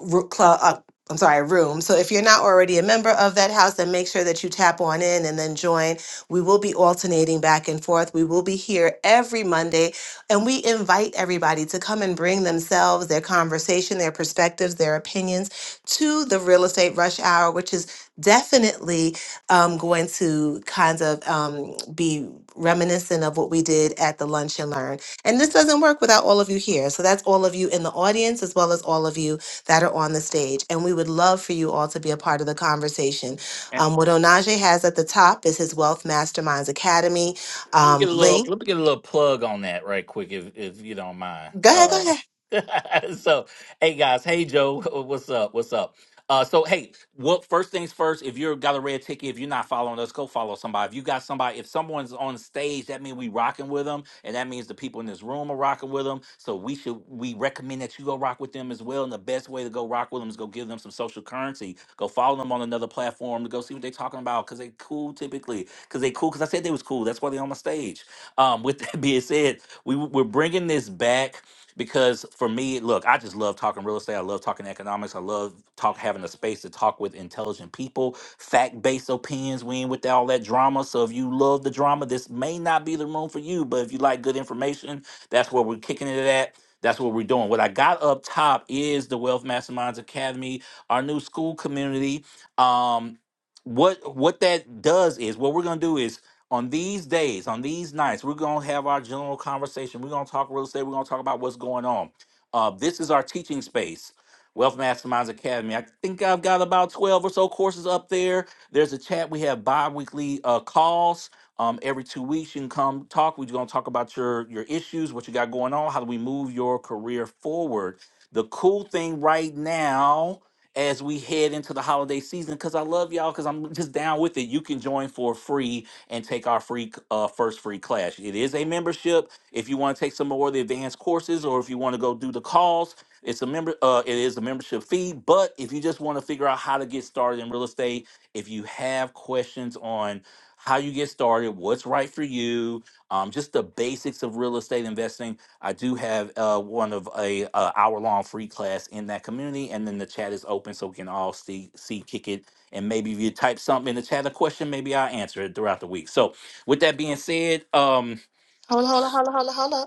Speaker 4: ru- club. Uh, I'm sorry, room. So if you're not already a member of that house, then make sure that you tap on in and then join. We will be alternating back and forth. We will be here every Monday, and we invite everybody to come and bring themselves, their conversation, their perspectives, their opinions to the real estate rush hour, which is definitely um, going to kind of um, be reminiscent of what we did at the lunch and learn. And this doesn't work without all of you here. So that's all of you in the audience as well as all of you that are on the stage. And we would love for you all to be a part of the conversation. Um, what Onaje has at the top is his Wealth Masterminds Academy
Speaker 1: Let me get
Speaker 4: um,
Speaker 1: a little.
Speaker 4: link.
Speaker 1: Let me get a little plug on that right quick, if if you don't mind.
Speaker 4: Go ahead, go
Speaker 1: Uh,
Speaker 4: ahead.
Speaker 1: so, hey guys, hey Joe, what's up? What's up? Uh, so hey, what first things first. If you've got a red ticket, if you're not following us, go follow somebody. If you got somebody, if someone's on stage, that means we rocking with them, and that means the people in this room are rocking with them. So we should we recommend that you go rock with them as well. And the best way to go rock with them is go give them some social currency. Go follow them on another platform to go see what they're talking about because they cool typically because they cool. Because I said they was cool. That's why they on my stage. Um, with that being said, we we're bringing this back because for me, look, I just love talking real estate. I love talking economics. I love talk having a space to talk with intelligent people, fact based opinions. We ain't with all that drama. So if you love the drama, this may not be the room for you. But if you like good information, that's where we're kicking it at. That's what we're doing. What I got up top is the Wealth Masterminds Academy, our new school community. Um, what what that does is what we're gonna do is on these days, on these nights, we're gonna have our general conversation. We're gonna talk real estate. We're gonna talk about what's going on. Uh, this is our teaching space, Wealth Masterminds Academy. I think I've got about twelve or so courses up there. There's a chat. We have bi-weekly uh, calls. Um, every two weeks, you can come talk. We're gonna talk about your your issues, what you got going on, how do we move your career forward. The cool thing right now as we head into the holiday season because I love y'all because I'm just down with it. You can join for free and take our free c- uh, first free class. It is a membership. If you want to take some more of the advanced courses or if you want to go do the calls, it's a member. Uh, it is a membership fee. But if you just want to figure out how to get started in real estate, if you have questions on how you get started, what's right for you, um, just the basics of real estate investing I do have uh, one of a uh, hour long free class in that community, and then the chat is open so we can all see see kick it. And maybe if you type something in the chat, a question, maybe I'll answer it throughout the week. So with that being said, um,
Speaker 4: Hold on, hold on, hold on.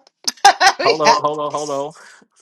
Speaker 4: Hold on.
Speaker 1: hold on, hold on, hold on.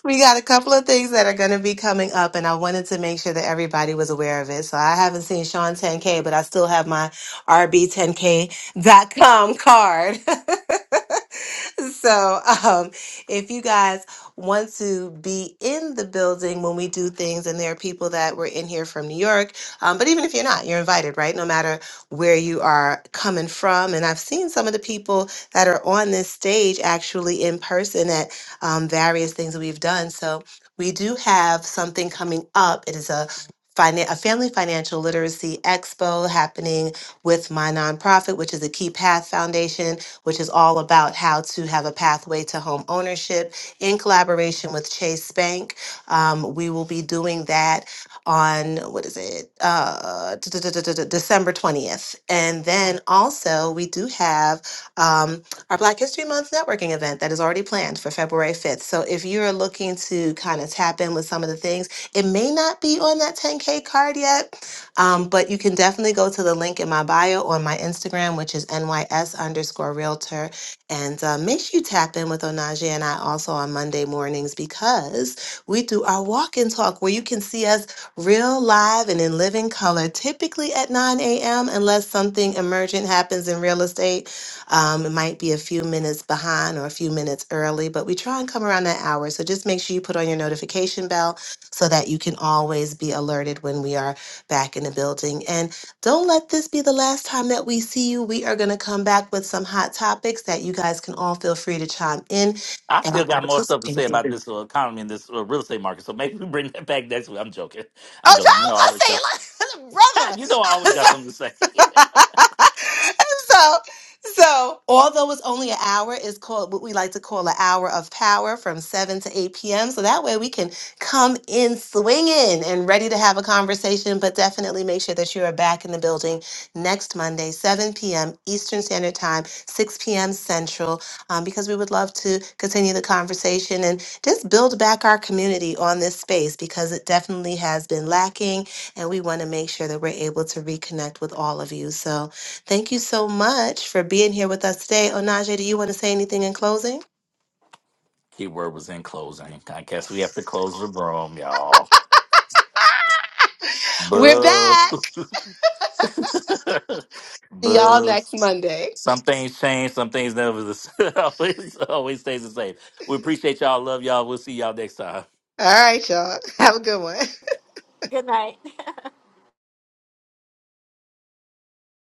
Speaker 4: We got a couple of things that are going to be coming up, and I wanted to make sure that everybody was aware of it. So I haven't seen Sean 10K, but I still have my rb 10 K dot com card. so um, if you guys want to be in the building when we do things, and there are people that were in here from New York, um, but even if you're not, you're invited, right? No matter where you are coming from. And I've seen some of the people that are on this stage actually in person at um, various things that we've done. So we do have something coming up. It is a finan- a family financial literacy expo happening with my nonprofit, which is the Key Path Foundation, which is all about how to have a pathway to home ownership in collaboration with Chase Bank. Um, we will be doing that on what is it, uh, d- d- d- d- d- December 20th. And then also, we do have um, our Black History Month networking event that is already planned for February 5th. So if you're looking to kind of tap in with some of the things, it may not be on that 10K card yet, um, but you can definitely go to the link in my bio on my Instagram, which is NYS underscore realtor. And uh, make sure you tap in with Onaje and I also on Monday mornings because we do our walk and talk where you can see us real live and in living color, typically at 9 a.m., unless something emergent happens in real estate um, it might be a few minutes behind or a few minutes early, but we try and come around that hour. So just make sure you put on your notification bell so that you can always be alerted when we are back in the building. And don't let this be the last time that we see you. We are going to come back with some hot topics that you guys can all feel free to chime in.
Speaker 1: I still got more stuff to say about this uh, economy and this uh, real estate market. So maybe we bring that back next week. I'm joking.
Speaker 4: Oh,
Speaker 1: I'm
Speaker 4: so
Speaker 1: joking. You know, I always got.
Speaker 4: I was gonna
Speaker 1: you know, I always got something to say.
Speaker 4: say like brother. so so although it's only an hour, it's called what we like to call an hour of power from 7 to 8 p.m. So that way we can come in swinging and ready to have a conversation, but definitely make sure that you are back in the building next Monday, 7 p.m. Eastern Standard Time, 6 p.m. Central, um, because we would love to continue the conversation just build back our community on this space because it definitely has been lacking and we want to make sure that we're able to reconnect with all of you. So thank you so much for being here with us today. Onaje, do you want to say anything in closing?
Speaker 1: Keyword was in closing. I guess we have to close the room, y'all.
Speaker 4: We're
Speaker 1: Boo.
Speaker 4: back. See y'all
Speaker 1: Bugs.
Speaker 4: next Monday.
Speaker 1: Some things change, some things never the always always stays the same. We appreciate y'all. Love y'all. We'll see y'all next time.
Speaker 4: All right, y'all. Have a good one.
Speaker 12: Good night.